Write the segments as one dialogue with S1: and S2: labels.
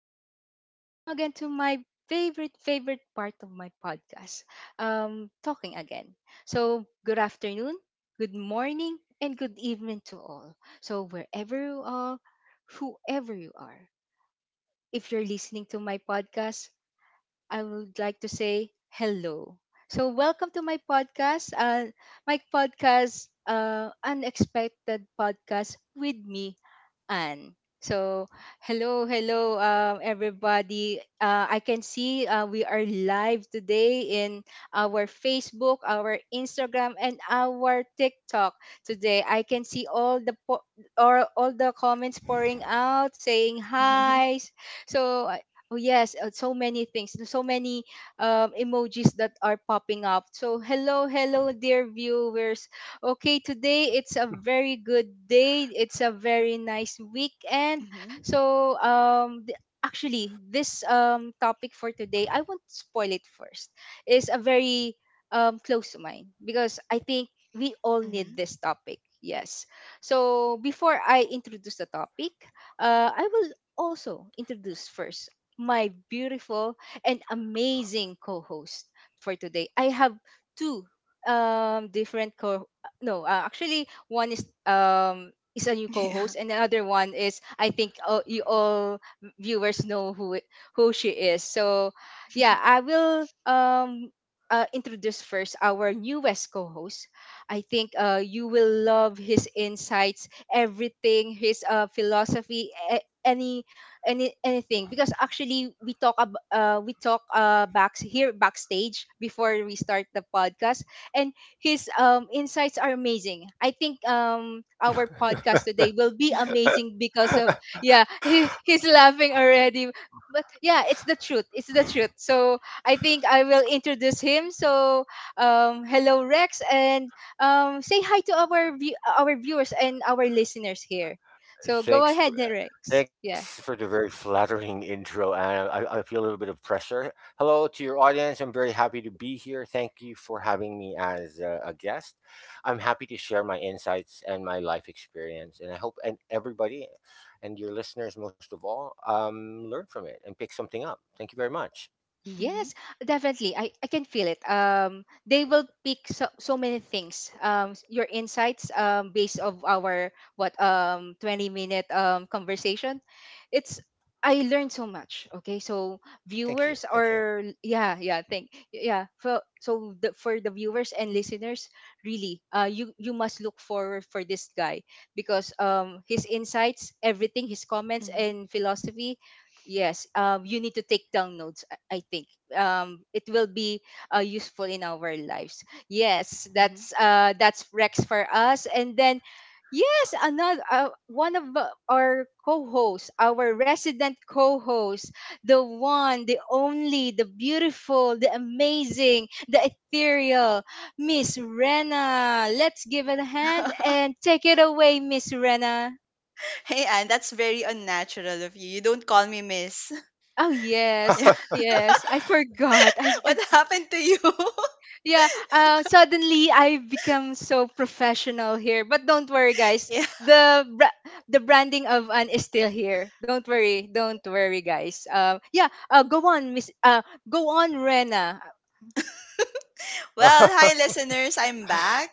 S1: welcome. Welcome again to my favorite part of my podcast. Talking again. So, good afternoon, good morning, and good evening to all. So, wherever you are, whoever you are. If you're listening to my podcast, I would like to say hello. So, welcome to my podcast. My podcast, Unexpected Podcast with me, Anne. So, hello, hello, everybody. I can see we are live today in our Facebook, our Instagram, and our TikTok. Today, I can see or all the comments pouring out, saying
S2: Mhm,
S1: hi. So, oh yes, so many things, so many emojis that are popping up. So hello, hello, dear viewers. Okay, today it's a very good day. It's a very nice weekend.
S2: mhm,
S1: So actually, this topic for today, I won't spoil it first. Is a very close to mine because I think we all need
S2: mhm.
S1: this topic. Yes. So before I introduce the topic, I will also introduce first my beautiful and amazing co-host for today. I have two different co no, actually, one is a new co-host
S2: Yeah.
S1: and the other one is, I think, you all viewers know who she is. So yeah, I will introduce first our newest co-host. I think you will love his insights, everything, his philosophy, anything, because actually we talk back here backstage before we start the podcast, and his insights are amazing. I think our podcast today will be amazing because of, yeah, he's laughing already. But yeah, it's the truth. It's the truth. So I think I will introduce him. So hello Rex, and say hi to our viewers and our listeners here. So go
S3: Thanks
S1: ahead,
S3: for,
S1: Rex.
S3: thanks
S1: Yes.
S3: for the very flattering intro, and I feel a little bit of pressure. Hello to your audience. I'm very happy to be here. Thank you for having me as a guest. I'm happy to share my insights and my life experience, and I hope and everybody and your listeners, most of all, learn from it and pick something up. Thank you very much.
S1: Yes,
S2: Mhm,
S1: definitely. I can feel it. They will pick so, so many things. Your insights, based of our, what, um, 20 minute conversation, it's I learned so much. Okay, so
S3: Thank you. Thank you.
S1: yeah, yeah, thank, yeah, for the viewers and listeners, really, you you must look forward for this guy because his insights, everything, his comments
S2: mhm,
S1: and philosophy, yes, you need to take down notes, I think. Um, it will be useful in our lives. Yes,
S2: mhm.
S1: that's Rex for us. And then, yes, another one of our co-hosts, our resident co-host, the one, the only, the beautiful, the amazing, the ethereal, Miss Rena. Let's give it a hand and take it away, Miss Rena.
S2: Hey, Anne, that's very unnatural of you. You don't call me miss.
S1: Oh yes,
S2: Yeah.
S1: yes. I forgot. I, I
S2: What happened to you?
S1: yeah, suddenly I become so professional here. But don't worry, guys.
S2: Yeah.
S1: The bra- the branding of Anne is still here. Don't worry, guys. Yeah. Go on, Miss. Go on, Rena.
S2: Well, hi listeners, I'm back.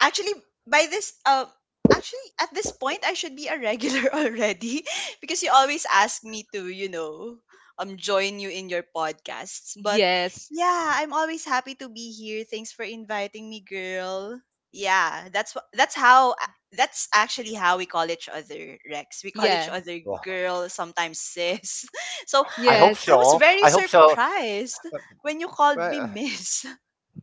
S2: actually by this uh Actually, at this point I should be a regular already because you always ask me to, join you in your podcasts. But
S1: Yes.
S2: yeah, I'm always happy to be here. Thanks for inviting me, girl. Yeah, that's actually how we call each other, Rex. We call each
S1: Yeah.
S2: other
S3: Well,
S2: girl, sometimes sis. So
S3: I hope
S1: Yes.
S2: I was
S3: so.
S2: very
S3: I hope so.
S2: surprised when you called
S3: Right.
S2: me miss.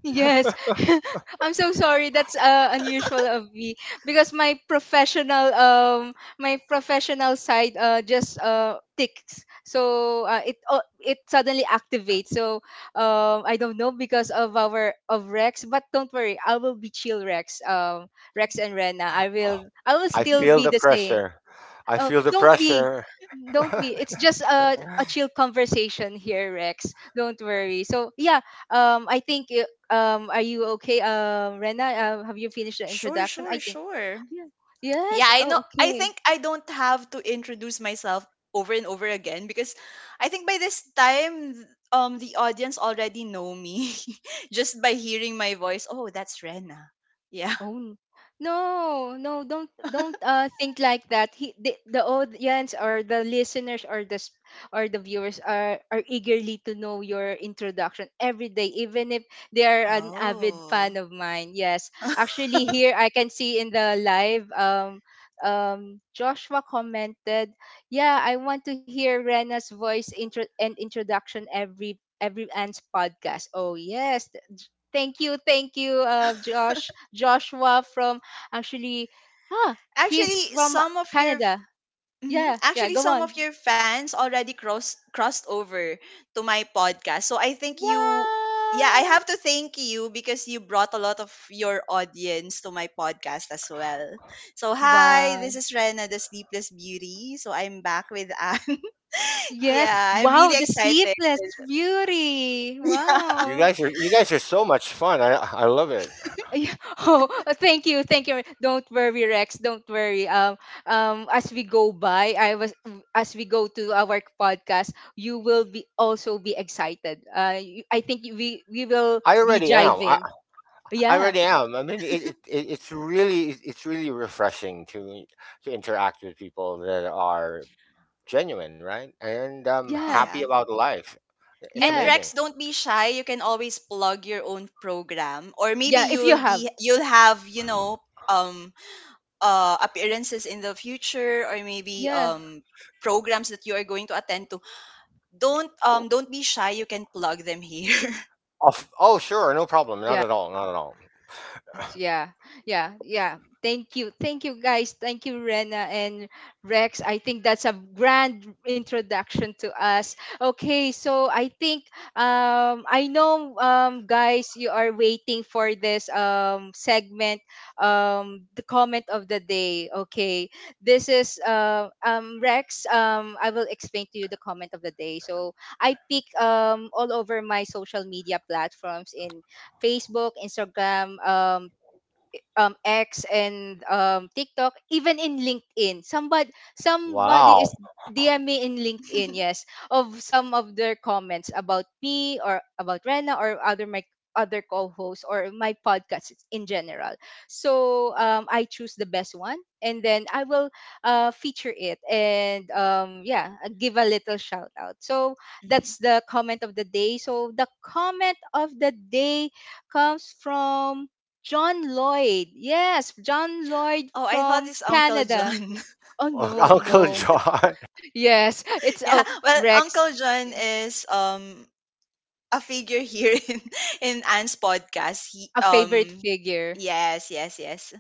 S1: Yes, I'm so sorry. That's unusual of me because my professional side just ticks. So it suddenly activates. So I don't know because of Rex, but don't worry, I will be chill Rex. Um, Rex and Rena, I will
S3: I
S1: still
S3: feel
S1: be
S3: the
S1: the same.
S3: pressure. I
S1: Oh,
S3: feel the
S1: don't be.
S3: pressure.
S1: Don't be. It's just a chill conversation here, Rex. Don't worry. So yeah, I think are you okay, Rena? Have you finished the
S2: Sure,
S1: introduction?
S2: sure,
S1: I think.
S2: sure.
S1: Yeah.
S2: Yeah,
S1: Yes.
S2: I know.
S1: Oh,
S2: I
S1: okay.
S2: think I don't have to introduce myself over and over again because I think by this time, the audience already know me just by hearing my voice. Oh, that's Rena. Yeah.
S1: Oh no, no, don't think like that. The audience or the listeners or the viewers are eagerly to know your introduction every day, even if they are an avid
S2: Oh.
S1: fan of mine. Yes, actually, here I can see in the live Joshua commented, yeah, I want to hear Rena's voice intro and introduction every Anne's podcast. Oh yes, thank you, thank you, Joshua from, actually, ah, he's
S2: Actually,
S1: from
S2: some of your
S1: Canada.
S2: Mhm.
S1: Yeah, yeah.
S2: Actually,
S1: Go
S2: some of
S1: on.
S2: your fans already crossed over to my podcast. So I think you yeah, I
S1: Wow,
S2: have to thank you because you brought a lot of your audience to my podcast as well. So hi, this
S1: wow.
S2: is Rena the Sleepless Beauty. So I'm back with Anne. Yeah,
S1: Yes,
S2: I'm
S1: wow.
S2: really
S1: The
S2: excited.
S1: Sleepless Beauty.
S3: You
S1: Wow.
S3: guys are you guys are so much fun. I love it.
S1: Yeah. Oh, thank you, thank you. Don't worry, Rex. Don't worry. As we go by, I was as we go to our podcast, you will be also be excited. I think we will
S3: I
S1: be
S3: already am. I,
S1: jiving.
S3: I
S1: Yeah,
S3: already am. I mean, it's really refreshing to interact with people that are genuine, right? And
S1: yeah,
S3: happy
S2: Yeah.
S3: about life. It's
S2: And
S1: yeah,
S3: amazing.
S2: Rex, don't be shy. You can always plug your own program, or maybe
S1: yeah. If you
S2: you'll
S1: have,
S2: be you'll have, you know, um appearances in the future, or maybe
S1: yeah,
S2: programs that you are going to attend to. Don't be shy. You can plug them here.
S3: Oh, sure, no problem. Not
S1: yeah.
S3: at all. Not at all.
S1: Yeah, yeah, yeah, yeah. Thank you. Thank you, guys. Thank you, Rena and Rex. I think that's a grand introduction to us. Okay, so I think, I know, guys, you are waiting for this segment, the comment of the day. Okay, this is Rex. I will explain to you the comment of the day. So I pick, all over my social media platforms, in Facebook, Instagram, X, and TikTok, even in LinkedIn. Somebody is
S3: Wow.
S1: DM me in LinkedIn, yes, of some of their comments about me or about Rena or other my other co-hosts or my podcast in general. So I choose the best one, and then I will feature it and, yeah, give a little shout out. So
S2: Mhm.
S1: that's the comment of the day. So the comment of the day comes from John Lloyd. Yes, John Lloyd
S2: Oh, I thought
S1: from
S2: it's Uncle
S1: Canada.
S2: John.
S1: Oh no,
S3: Uncle
S1: no.
S3: John.
S1: Yes, it's,
S2: Yeah,
S1: oh
S2: well,
S1: Rex,
S2: Uncle John is a figure here in Anne's podcast. He
S1: a favorite figure.
S2: Yes, yes, yes.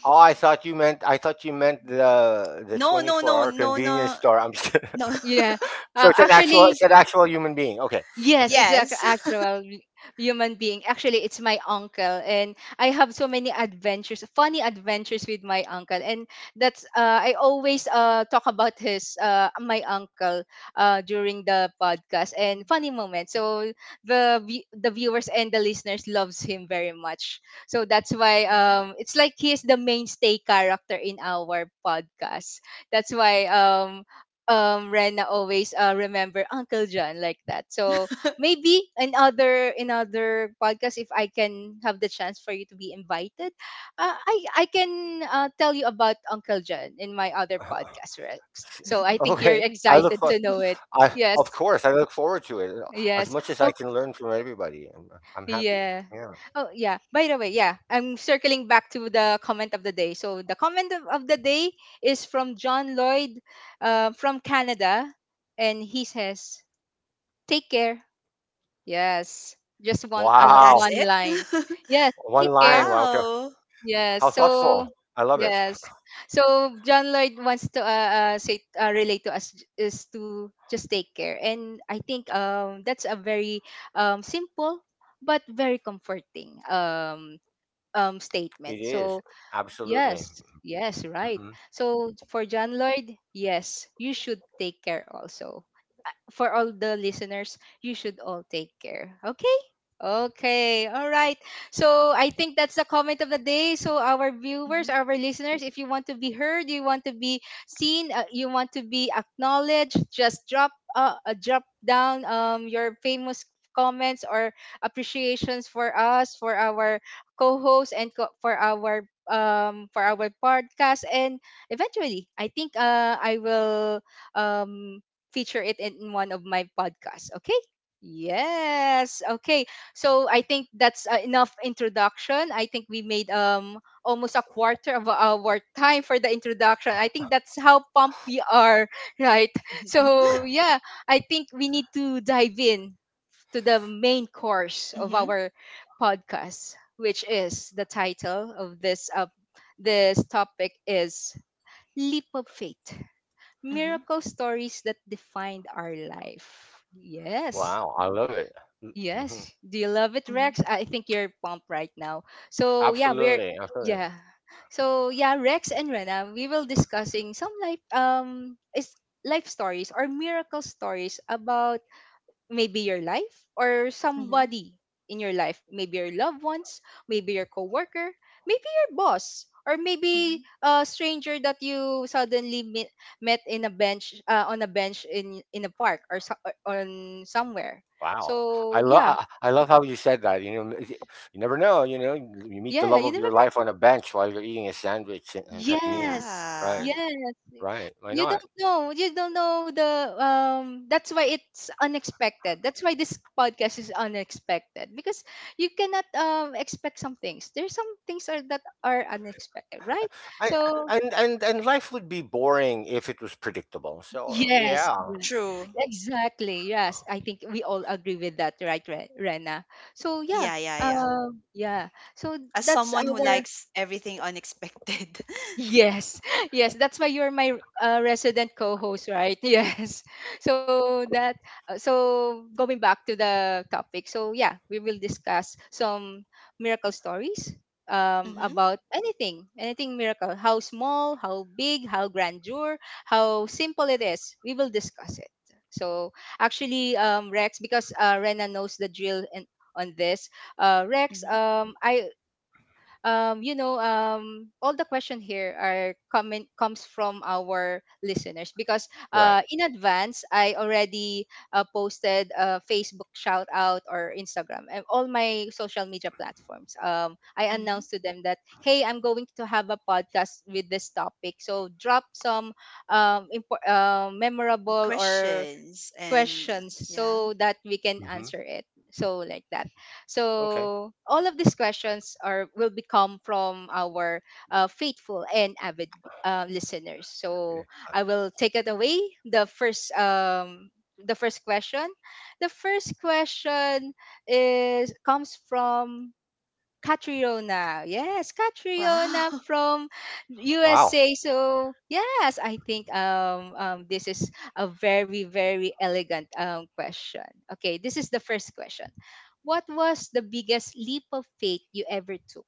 S3: Oh, I thought you meant the
S2: No,
S3: twenty
S2: no,
S3: four
S2: no,
S3: hour
S2: no,
S3: convenience
S2: no,
S3: store. I'm just,
S2: no.
S1: Yeah.
S3: so it's an
S1: Actually,
S3: actual human being. Okay,
S1: yes,
S3: okay.
S1: it's an
S2: Yes.
S1: actual human being. Actually, it's my uncle, and I have so many adventures, funny adventures with my uncle, and that's I always talk about his my uncle during the podcast and funny moments. So the viewers and the listeners loves him very much. So that's why,
S2: Mhm.
S1: it's like he is the mainstay character in our podcast. That's why Rena always remember Uncle John like that. So maybe another podcast if I can have the chance for you to be invited, uh, I I can tell you about Uncle John in my other podcast, Rex. So I think you're
S3: Okay. I look
S1: excited
S3: for,
S1: to know it.
S3: I Of
S1: Yes.
S3: course, I look forward to it, as
S1: Yes.
S3: much as I
S1: Oh
S3: can learn from everybody. I'm happy.
S1: yeah.
S3: Yeah.
S1: Oh yeah. By the way, yeah, I'm circling back to the comment of the day. So the comment of the day is from John Lloyd from Canada, and he says take care. Yes. Just
S2: That's
S3: Wow.
S1: one
S2: it.
S1: line. Yes,
S3: One
S1: take care.
S3: line. Wow.
S2: Wow.
S1: Yes.
S3: How
S1: So
S3: thoughtful. I love it.
S1: yes. So John Lloyd wants to say, relate to us, j- is to just take care. And I think that's a very simple but very comforting
S3: It
S1: statement.
S3: is
S1: So
S3: absolutely.
S1: yes, yes, right.
S3: Hmm.
S1: So for John Lloyd, yes, you should take care also, for all the listeners, you should all take care. Okay? Okay. All right. So I think that's the comment of the day. So our viewers,
S2: Mm-hmm.
S1: our listeners, if you want to be heard, you want to be seen, you want to be acknowledged, just drop down your famous comments or appreciations for us, for our co-hosts for our podcast, and eventually I think I will um feature it in one of my podcasts. Okay. Yes. Okay. So I think that's enough introduction. I think we made almost a quarter of our time for the introduction. I think that's how pumped we are, right? So yeah, I think we need to dive in to the main course of
S2: Mm-hmm.
S1: our podcast, which is the title of this topic is leap of faith,
S2: Mm-hmm.
S1: miracle stories that defined our life. Yes.
S3: Wow. I love it. Hmm.
S1: Yes. Do you love it,
S2: Mm-hmm.
S1: Rex? I think you're pumped right now. So, yeah, we're
S3: Absolutely. Absolutely.
S1: yeah. So, yeah, Rex and Rena, we will discussing some life stories or miracle stories about maybe your life, or
S2: Mm-hmm.
S1: somebody in your life, maybe your loved ones, maybe your coworker, maybe your boss, or
S2: Mhm.
S1: maybe a stranger that you suddenly met in a bench, on a bench in a park, or, so, or on somewhere,
S3: Wow. I love.
S1: so yeah,
S3: I, I love how you said that. You know, you never know. You know, you meet the
S1: yeah,
S3: love
S1: you
S3: of
S1: never,
S3: your life on a bench while you're eating a sandwich, and at noon.
S1: yes.
S2: Yeah.
S3: Right.
S1: Yes.
S3: Right. Why
S1: You
S3: not?
S1: don't know. You don't know the, that's why it's unexpected. That's why this podcast is unexpected, because you cannot expect some things. There's some things are that are unexpected, right?
S3: I
S1: So,
S3: and life would be boring if it was predictable. So
S1: yes.
S3: yeah,
S2: True.
S1: Exactly. Yes. I think we all agree with that, right, Rena? So, yeah.
S2: Yeah, yeah, yeah.
S1: Um, yeah. So
S2: As
S1: that's
S2: someone who
S1: our,
S2: likes everything unexpected.
S1: yes, yes, that's why you're my resident co-host, right? Yes. So that so going back to the topic. So yeah, we will discuss some miracle stories
S2: Mm-hmm.
S1: about anything, anything miracle, how small, how big, how grandeur, how simple it is. We will discuss it. So actually, Rex, because Rena knows the drill and on this. Rex,
S2: Mm-hmm.
S1: all the question here are coming comes from our listeners because
S3: right.
S1: in advance I already posted a Facebook shout out or Instagram and all my social media platforms. I
S2: Mm-hmm.
S1: announced to them that, hey, I'm going to have a podcast with this topic, so drop some memorable or
S2: Questions and
S1: questions
S2: yeah.
S1: so that we can
S3: Hmm.
S1: answer it, so like that,
S3: Okay.
S1: so all of these questions are will become from our faithful and avid listeners, so
S3: Yeah.
S1: I will take it away. The first um the first question the first question is comes from Catriona. Yes, Catriona
S2: Wow.
S1: from
S3: Wow.
S1: USA. So yes, I think, this is a very, very elegant question. Okay, this is the first question. What was the biggest leap of faith you ever took?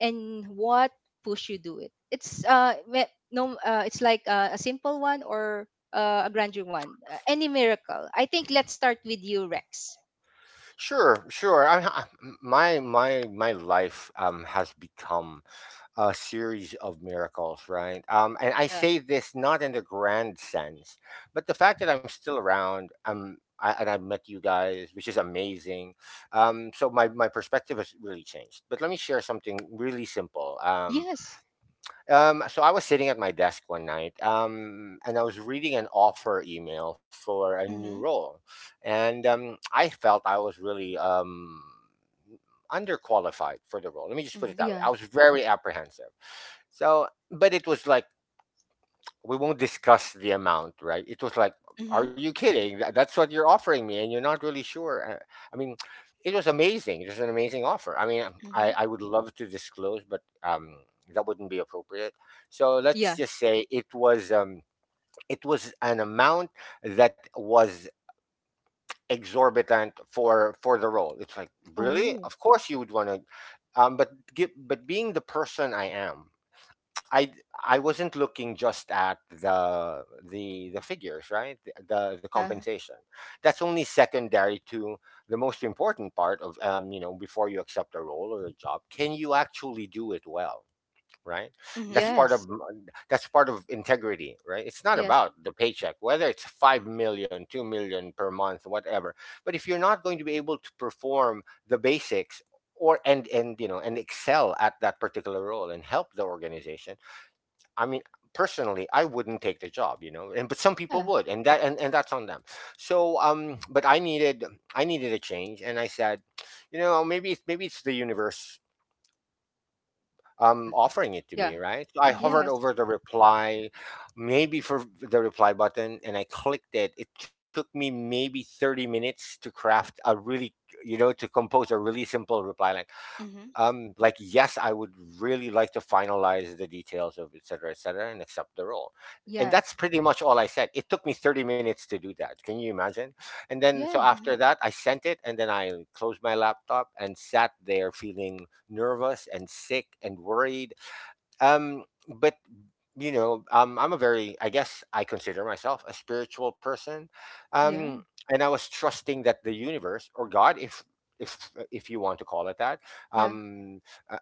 S1: And what pushed you do it? It's no, it's like, a simple one or a grander one. Any miracle. I think let's start with you, Rex.
S3: Sure, sure. I, m- my life has become a series of miracles, right? And I
S1: Yeah.
S3: say this not in the grand sense, but the fact that I'm still around, and I've met you guys, which is amazing. So my perspective has really changed. But let me share something really simple.
S1: Yes.
S3: So I was sitting at my desk one night, and I was reading an offer email for a new
S2: Mm-hmm.
S3: role, and I felt I was really underqualified for the role. Let me just put it
S2: Mm-hmm.
S3: that way. I
S1: Yeah.
S3: was very apprehensive. So, but it was like, we won't discuss the amount, right? It was like, are you kidding? That's what you're offering me, and you're not really sure. I mean, it was amazing. It was an amazing offer. I mean,
S2: Mm-hmm.
S3: I would love to disclose, but that wouldn't be appropriate. So
S1: Yeah.
S3: let's just say it was, it was an amount that was exorbitant for the role. It's like, really?
S1: Oh.
S3: Of course you would want to. But but being the person I am, I I wasn't looking just at the figures, right? The
S2: Mm-hmm.
S1: Yeah.
S3: compensation. That's only secondary to the most important part of, you know, before you accept a role or a job. Can you actually do it well? Right.
S2: Mm-hmm.
S3: That's part of
S1: Yes.
S3: that's part of integrity, right? It's not
S1: Yes.
S3: about the paycheck, whether it's 5 million, 2 million per month, whatever. But if you're not going to be able to perform the basics, or and you know, and excel at that particular role and help the organization. I mean, personally, I wouldn't take the job, you know, and but some people
S1: Yeah.
S3: would, and that's on them. So, but I needed a change, and I said, you know, maybe it's the universe,
S1: Yeah.
S3: um, offering it to
S1: Yeah.
S3: me, right? So I
S2: Mm-hmm. Mm-hmm.
S3: hovered
S1: Yes.
S3: over the reply, maybe for the reply button, and I clicked it. It took me maybe 30 minutes to craft a really, to compose a really simple reply like,
S2: Mm-hmm.
S3: um, like, yes, I would really like to finalize the details, of et cetera, et cetera, and accept the role. And
S1: Yeah.
S3: that's pretty much all I said. It took me 30 minutes to do that. Can you imagine? And then
S1: Yeah.
S3: so
S2: Mm-hmm.
S3: after that, I sent it, and then I closed my laptop and sat there feeling nervous and sick and worried. Um, but you know, I'm a very, I guess I consider myself a spiritual person.
S1: Yeah.
S3: Um, and I was trusting that the universe or God, if you want to call it that,
S1: Yeah.
S3: um, uh,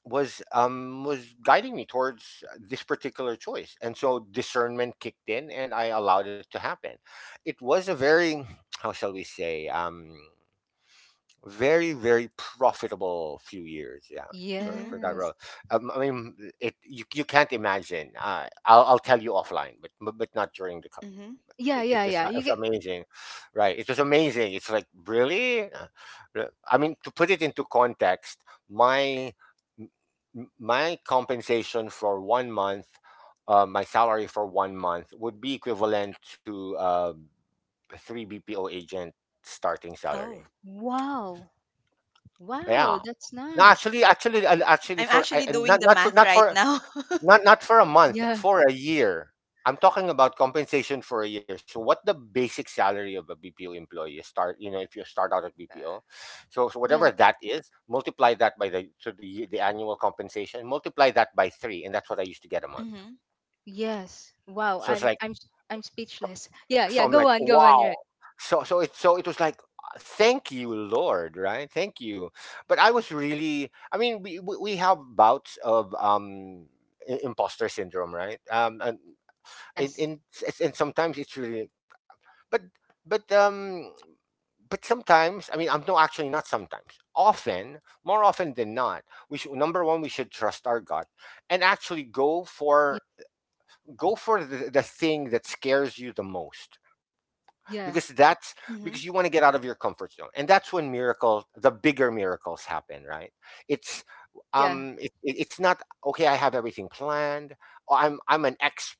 S3: was guiding me towards this particular choice. And so discernment kicked in, and I allowed it to happen. It was a very, how shall we say, very, very profitable few years, yeah, for
S2: Mm-hmm.
S3: that road.
S1: Yes.
S3: I mean, it, you can't imagine. I'll tell you offline, but not during the.
S2: Mm-hmm.
S1: Yeah.
S3: It
S1: Yeah.
S3: is
S1: Yeah.
S3: it's
S1: You get.
S3: amazing, right? It was amazing. It's like, really. I mean, to put it into context, my m- my compensation for one month, my salary for one month would be equivalent to, three BPO agent starting salary.
S2: Oh,
S1: Wow. Wow.
S3: Yeah.
S1: That's
S3: No,
S1: nice.
S3: actually,
S2: I'm
S3: for I-
S2: actually
S3: and
S2: doing
S3: not
S2: the math right now.
S3: for a month,
S1: Yeah.
S3: for a year. I'm talking about compensation for a year. So, what the basic salary of a BPO employee, you start, you know, if you start out at BPO, so
S1: Yeah.
S3: whatever that is, multiply that by the so the ye- the annual compensation, multiply that by three, and that's what I used to get a month.
S2: Mm-hmm.
S1: Yes. Wow.
S3: So it's
S1: I'm.
S3: like,
S1: I'm. s- I'm speechless. Yeah. Yeah. Go on. Go on. You Right.
S3: Wow. So it was like, thank you, Lord. Right? Thank you. But I was really, I mean, we have bouts of, um, imposter syndrome, right? And,
S1: Yes.
S3: and and sometimes it's really, but but um. But sometimes, I mean, I'm no, actually not sometimes. Often, more often than not, we should, number one, we should trust our gut and actually go for,
S1: Yeah.
S3: the thing that scares you the most,
S1: Yeah.
S3: because that's because
S2: Mm-hmm.
S3: you want to get out of your comfort zone, and that's when miracles, the bigger miracles, happen, right? it's
S1: Yeah.
S3: um it, it- it's not okay. I have everything planned. Oh, I'm an expert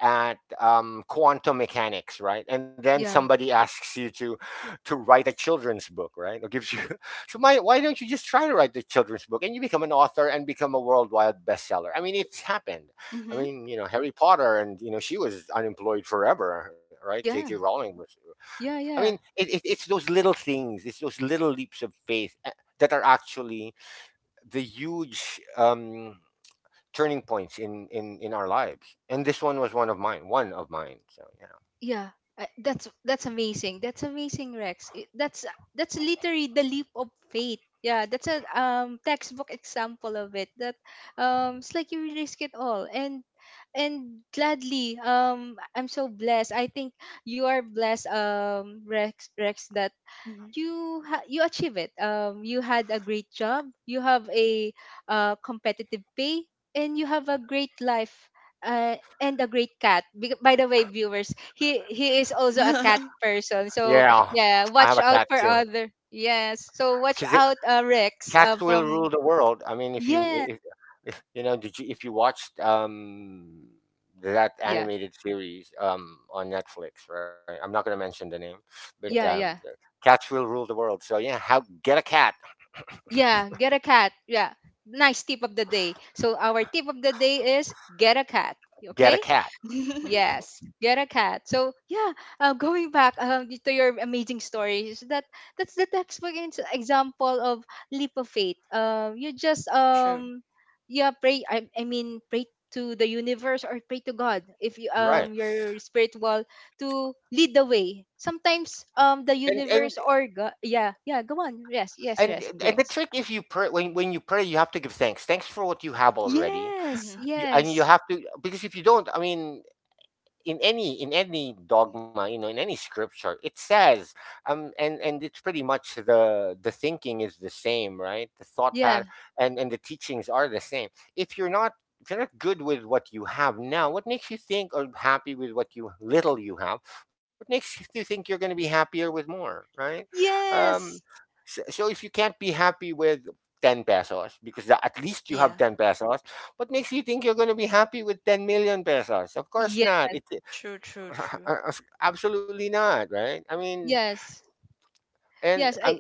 S3: at, um, quantum mechanics, right? And then
S1: Yeah.
S3: somebody asks you to write a children's book, right? Or gives you. So my, why don't you just try to write the children's book, and you become an author and become a worldwide bestseller? I mean, it's happened. I mean, you know, Harry Potter. And you know, she was unemployed forever, right? J.K.
S1: Yeah.
S3: Rowling was.
S1: Yeah.
S3: I mean,
S1: Yeah.
S3: it's those little things. It's those little leaps of faith, that are actually the huge, turning points in, in our lives. And this one was one of mine, one of mine. So, yeah.
S1: Yeah, that's amazing. That's amazing, Rex. That's literally the leap of faith. Yeah, that's a textbook example of it. That it's like you risk it all and gladly, I'm so blessed. I think you are blessed, Rex, that
S2: Mm-hmm.
S1: you achieve it, you had a great job, you have a competitive pay, and you have a great life, and a great cat. By the way, viewers, he is also a cat
S2: Mm-hmm.
S1: person, so
S3: Yeah,
S1: yeah,
S3: I have
S1: watch
S3: a
S1: out
S3: cat
S1: for
S3: too.
S1: other. Yes, so watch
S3: Because
S1: out, Rex,
S3: cats will
S1: from.
S3: rule the world. I mean,
S1: Yeah.
S3: if you know, if you watched, that
S1: Yeah.
S3: animated series, on Netflix, right? I'm not going to mention the name, but,
S1: Yeah.
S3: the
S1: Yeah.
S3: cats will rule the world. So, yeah, how get a cat,
S1: Yeah, get a cat. Yeah, nice tip of the day, so our tip of the day is get a cat.
S3: get a
S1: Okay.
S3: cat.
S1: Yes, get a cat. So yeah, going back, to your amazing story, is that that's the textbook example of leap of faith. You just,
S2: True.
S1: yeah, pray. I mean, pray to the universe or pray to God if you,
S3: Right.
S1: your spiritual, to lead the way. Sometimes, the
S3: And and
S1: universe or God, yeah, yeah, go on. Yes, yes,
S3: and
S1: yes,
S3: and the
S1: Rex.
S3: trick is, you pray. When you pray, you have to give thanks. Thanks for what you have already.
S1: Yes,
S2: Mm-hmm.
S3: You, and you
S1: yes,
S3: have to. Because if you don't, I mean, in any dogma, you know, in any scripture it says, um, and it's pretty much the thinking is the same, right? The thought
S1: yeah,
S3: pattern and the teachings are the same. If you're not, good with what you have now, what makes you think, or happy with what you little you have, what makes you think you're going to be happier with more, right? Um,
S1: yes,
S3: so if you can't be happy with 10 pesos, because at least you have
S2: Yeah.
S3: 10 pesos, what makes you think you're going to be happy with 10 million pesos? Of course
S1: yeah,
S3: not. It,
S2: True. True. True.
S3: Absolutely not, right? I mean,
S1: yes, yes.
S3: and
S1: Yes,
S3: I'm.
S1: I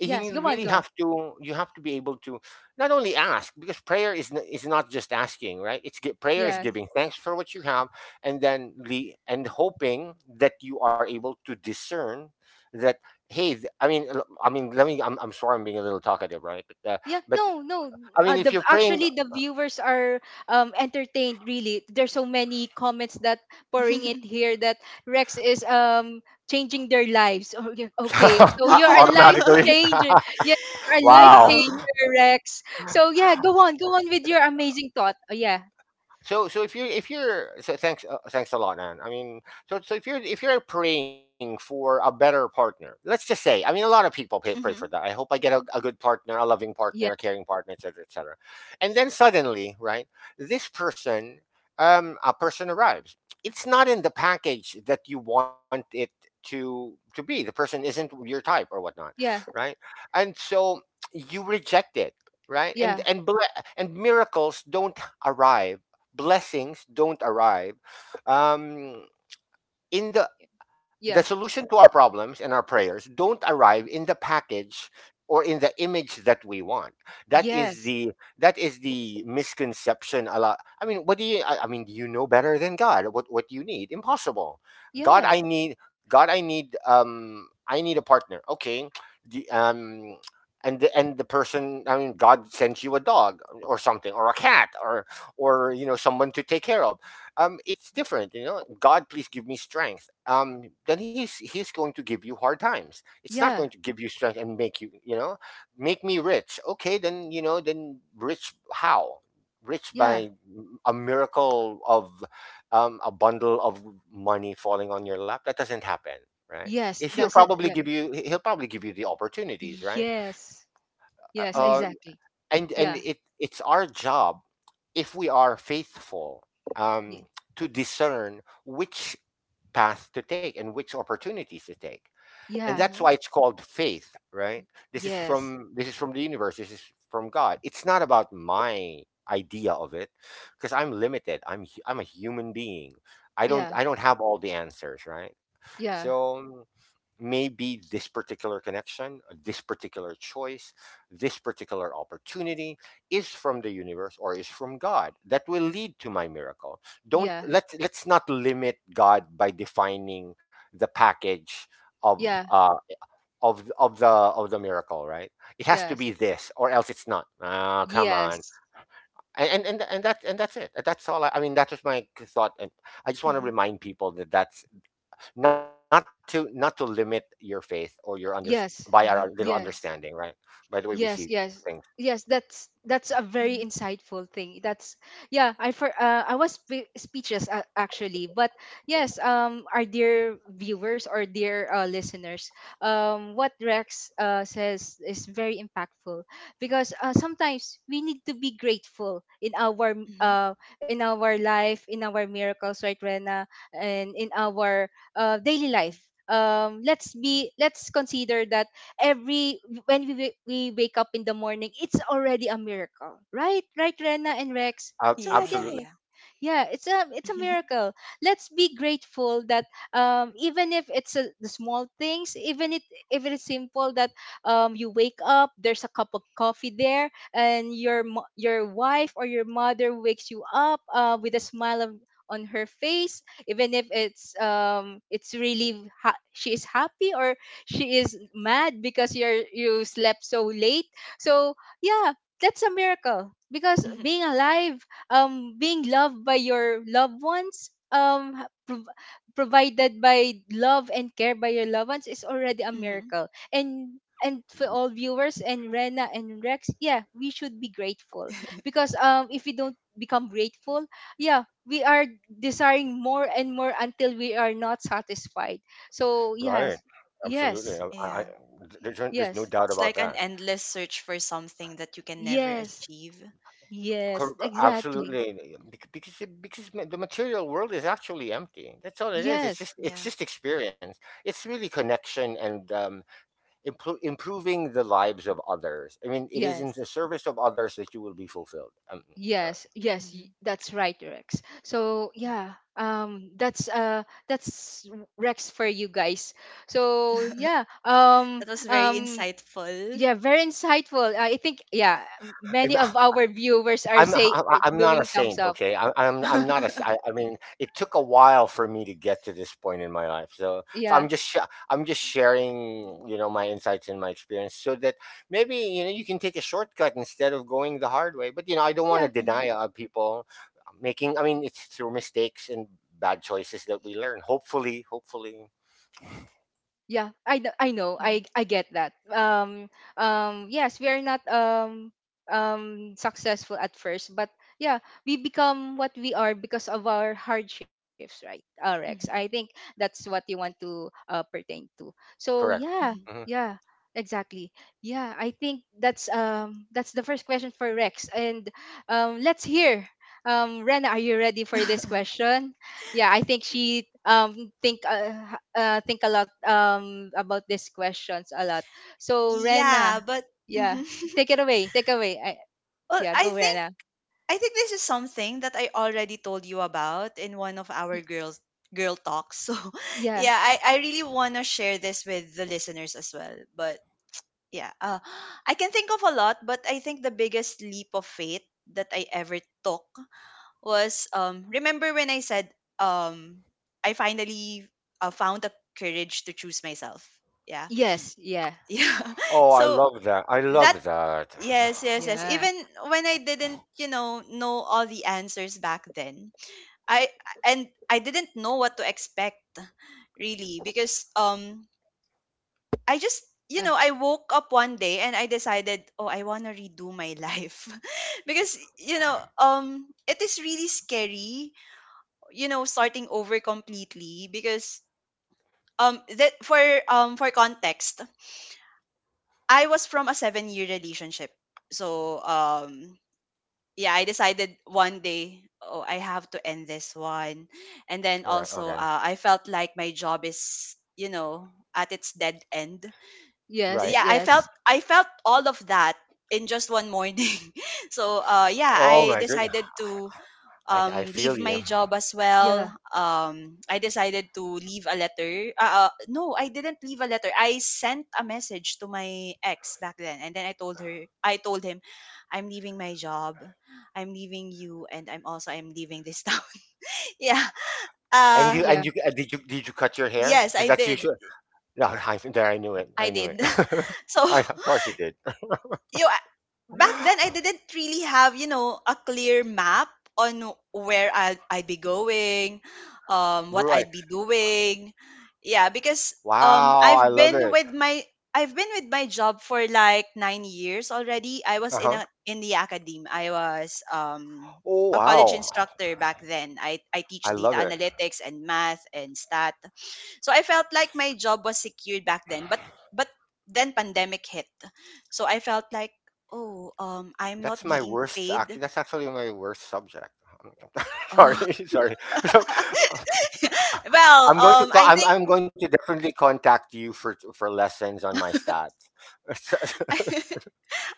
S3: And
S1: yes,
S3: you
S1: go on,
S3: really
S1: go on.
S3: have to you have to be able to not only ask, because prayer is not just asking, right? Prayer is
S1: Yes.
S3: giving thanks for what you have, and then le- and hoping that you are able to discern that. Hey th- I mean l- I mean let me I'm sorry, I'm being a little talkative, right? but uh,
S1: Yeah,
S3: but
S1: no, no.
S3: I mean, if
S1: The
S3: you're praying
S1: actually the viewers are, entertained really. There's so many comments that pouring it
S2: Mhm.
S1: here that Rex is, changing their lives. Oh, yeah, okay, so you're a life
S3: automatically
S1: changer. Yeah, you're a life
S3: wow.
S2: Wow.
S1: changer, Rex. So yeah, go on, go on with your amazing thought. Oh, yeah,
S3: so so if you if you're Thanks a lot, man. I mean, so if you're praying for a better partner, let's just say, I mean, a lot of people pray for that. I
S2: Mhm.
S3: hope I get a good partner, a loving partner, a
S1: yeah,
S3: caring partner, etc., etc. And then, suddenly, right, this person a person arrives. It's not in the package that you want it to be. The person isn't your type or whatnot,
S1: yeah,
S3: right? And so you reject it, right. and
S1: yeah,
S3: and ble- and miracles don't arrive, blessings don't arrive, um, in the
S1: yeah.
S3: solution to our problems, and our prayers don't arrive in the package or in the image that we want. that is
S1: Yes,
S3: the that is the misconception. A lot. I mean, do you know better than God what do you need? Impossible. god i
S1: yes,
S3: need God I need I need a partner, okay. the, um and the person, I mean, God sends you a dog or something, or a cat, or you know, someone to take care of. It's different. You know, God, please give me strength, then he's going to give you hard times, it's not going
S1: yeah,
S3: to give you strength. And make you — you know, make me rich, okay, then, you know, then rich how? Rich
S1: yeah,
S3: by a miracle of a bundle of money falling on your lap. That doesn't happen, right?
S1: yes.
S3: If He'll
S1: That's it.
S3: probably
S1: Yeah,
S3: give you — he'll probably give you the opportunities, right?
S1: yes,
S3: uh,
S1: yes,
S2: Mhm.
S3: uh,
S1: exactly.
S3: and
S1: Yeah.
S3: it's our job, if we are faithful,
S1: Y-
S3: um, to discern which path to take and which opportunities to take. And
S1: yeah.
S2: Mhm.
S3: that's why it's called faith, right? this is
S1: Yes.
S3: from this is from the universe, this is from God. It's not about my idea of it, because I'm limited, I'm a human being. i don't
S1: Yeah.
S3: i don't have all the answers, right?
S1: Yeah.
S3: So maybe this particular connection, this particular choice, this particular opportunity is from the universe or is from God that will lead to my miracle. Don't
S1: Yeah.
S3: let's not limit God by defining the package of
S1: Yeah.
S3: uh of the miracle, right? It has to
S1: Yes.
S3: be this or else it's not. Ah, come on.
S1: Yes.
S3: And that's it. That's all. I mean, that was my thought, and I just want to
S2: Mhm.
S3: remind people that that's not to limit your faith or your under — by our,
S1: Yes.
S3: our
S2: Mhm.
S3: little
S1: Yes.
S3: understanding, right? By the way we see
S1: Yes, yes.
S3: things.
S1: Yes, that's a very
S2: Mhm.
S1: insightful thing. That's yeah, I was speechless, actually, but yes, our dear viewers or dear, listeners, what Rex, says is very impactful because, sometimes we need to be grateful in our
S2: Mhm.
S1: in our life, in our miracles, right, Rena, and in our, daily life. Let's consider that, every when we wake up in the morning, it's already a miracle, right? Right, Rena and Rex, it's
S2: Yeah,
S1: already a
S2: yeah,
S3: Absolutely
S2: yeah.
S1: miracle. Yeah, it's a miracle. Let's be grateful that, even if the small things, even it if it is simple, that, you wake up, there's a cup of coffee there, and your your wife or your mother wakes you up, with a smile on her face, even if she is happy or she is mad because you slept so late, so yeah. That's a miracle, because
S2: Mhm.
S1: being alive, being loved by your loved ones, provided by love and care by your loved ones, is already a
S2: Mhm.
S1: miracle. And and for all viewers and Rena and Rex, yeah, we should be grateful, because, if we don't become grateful, yeah, we are desiring more and more until we are not satisfied. So
S3: right.
S1: yes,
S3: Absolutely.
S1: yes,
S2: Yeah.
S3: There's no
S1: yes,
S3: doubt
S2: It's
S3: about
S2: like an
S3: that.
S2: endless search for something that you can never
S1: yes,
S2: achieve.
S1: yes, exactly,
S3: Absolutely. Bec- because it- because ma- The material world is actually empty. That's all it is. it's
S1: yes,
S3: just it's
S2: Yeah.
S3: just experience. It's really connection and improving the lives of others. I mean, it is in the
S1: yes,
S3: service of others that you will be fulfilled. Sorry.
S1: yes, yes,
S2: Mhm.
S1: that's right, Rex. So yeah, that's, that's Rex for you guys. So yeah,
S2: That was very insightful.
S1: yeah, very insightful. I think yeah, many of our viewers are, say are
S3: I'm not a
S1: doing
S3: saint,
S1: thumbs up.
S3: okay? I, I'm not a. s- I mean, it took a while for me to get to this point in my life. So
S1: Yeah,
S3: I'm just sharing, you know, my insights and my experience, so that maybe, you know, you can take a shortcut instead of going the hard way. But, you know, I don't want
S1: yeah.
S3: to deny
S2: Mhm.
S3: people making. I mean, it's through mistakes and bad choices that we learn. Hopefully, hopefully.
S1: Yeah, I know.
S2: Mhm.
S1: I get that. Yes, we are not, successful at first, but yeah, we become what we are because of our hardships, right? Rex, I think
S2: Mhm.
S1: that's what you want to, pertain to. So
S3: Correct.
S1: yeah,
S2: Mhm.
S3: Hmm.
S1: yeah, exactly. Yeah, I think that's, that's the first question for Rex, and, let's hear. Rena, are you ready for this question? Yeah, I think she think a lot, about these questions a lot. So,
S2: Yeah,
S1: Rena,
S2: but
S1: yeah,
S2: mhm.
S1: take it away.
S2: Well,
S1: Yeah,
S2: I
S1: go,
S2: think
S1: Rena.
S2: this is something that I already told you about in one of our
S1: Y-
S2: girl talks. So
S1: yeah.
S2: yeah, I really wanna share this with the listeners as well. But yeah, I can think of a lot, but I think the biggest leap of faith that I ever took was remember when I said um I finally found the courage to choose myself. Yeah.
S1: Yes. Yeah.
S2: Yeah.
S3: Oh, I love
S2: So
S3: that. I love
S2: that
S3: that.
S2: Yes, yes, yes.
S1: Yeah.
S2: Even when I didn't, know all the answers back then, I and I didn't know what to expect really because I just
S1: Yeah.
S2: I woke up one day and I decided, oh, I want to redo my life because it is really scary, starting over completely because that for context, I was from a 7-year relationship. So, yeah, I decided one day, oh, I have to end this one. And then
S3: All right.
S2: also,
S3: Okay.
S2: I felt like my job is, at its dead end.
S3: Right.
S1: Yes.
S2: Yeah, I felt
S1: Yes.
S2: I felt all of that in just one morning. So, yeah,
S3: Oh
S2: I
S3: my goodness.
S2: decided to
S3: I feel
S2: leave my
S3: you.
S2: job as well.
S1: Yeah.
S2: I decided to leave a letter. No, I didn't leave a letter. I sent a message to my ex back then, and then I told him, I'm leaving my job, I'm leaving you, and I'm also I'm leaving this town. Yeah.
S3: And
S2: Uh,
S3: you and
S1: Yeah.
S3: you did you cut your hair?
S2: yes,
S3: Because
S2: I
S3: that's
S2: did.
S3: usually — no. I, there. I knew it.
S2: I
S3: I knew it.
S2: did. So
S3: Of course you did.
S2: you know, I- back then I didn't really have, a clear map on where I'd be going, what I'd be
S3: Right.
S2: doing. Yeah, because um,
S3: Wow. I
S2: I've
S3: love
S2: been
S3: it.
S2: with my I've been with my job for like 9 years already. I was in
S3: Uh
S2: a
S3: huh.
S2: in the academy. I was a
S3: Oh
S2: college
S3: wow.
S2: instructor back then. I teach
S3: I
S2: data
S3: love it.
S2: analytics and math and stat. So I felt like my job was secured back then. But then pandemic hit, so I felt like, oh, I'm not
S3: That's my
S2: being
S3: worst.
S2: paid.
S3: That's actually my worst subject. Sorry.
S2: Oh.
S3: Sorry. So,
S2: Well,
S3: I'm going to. Co-
S2: I
S3: I'm.
S2: think
S3: I'm going to definitely contact you for lessons on my stats.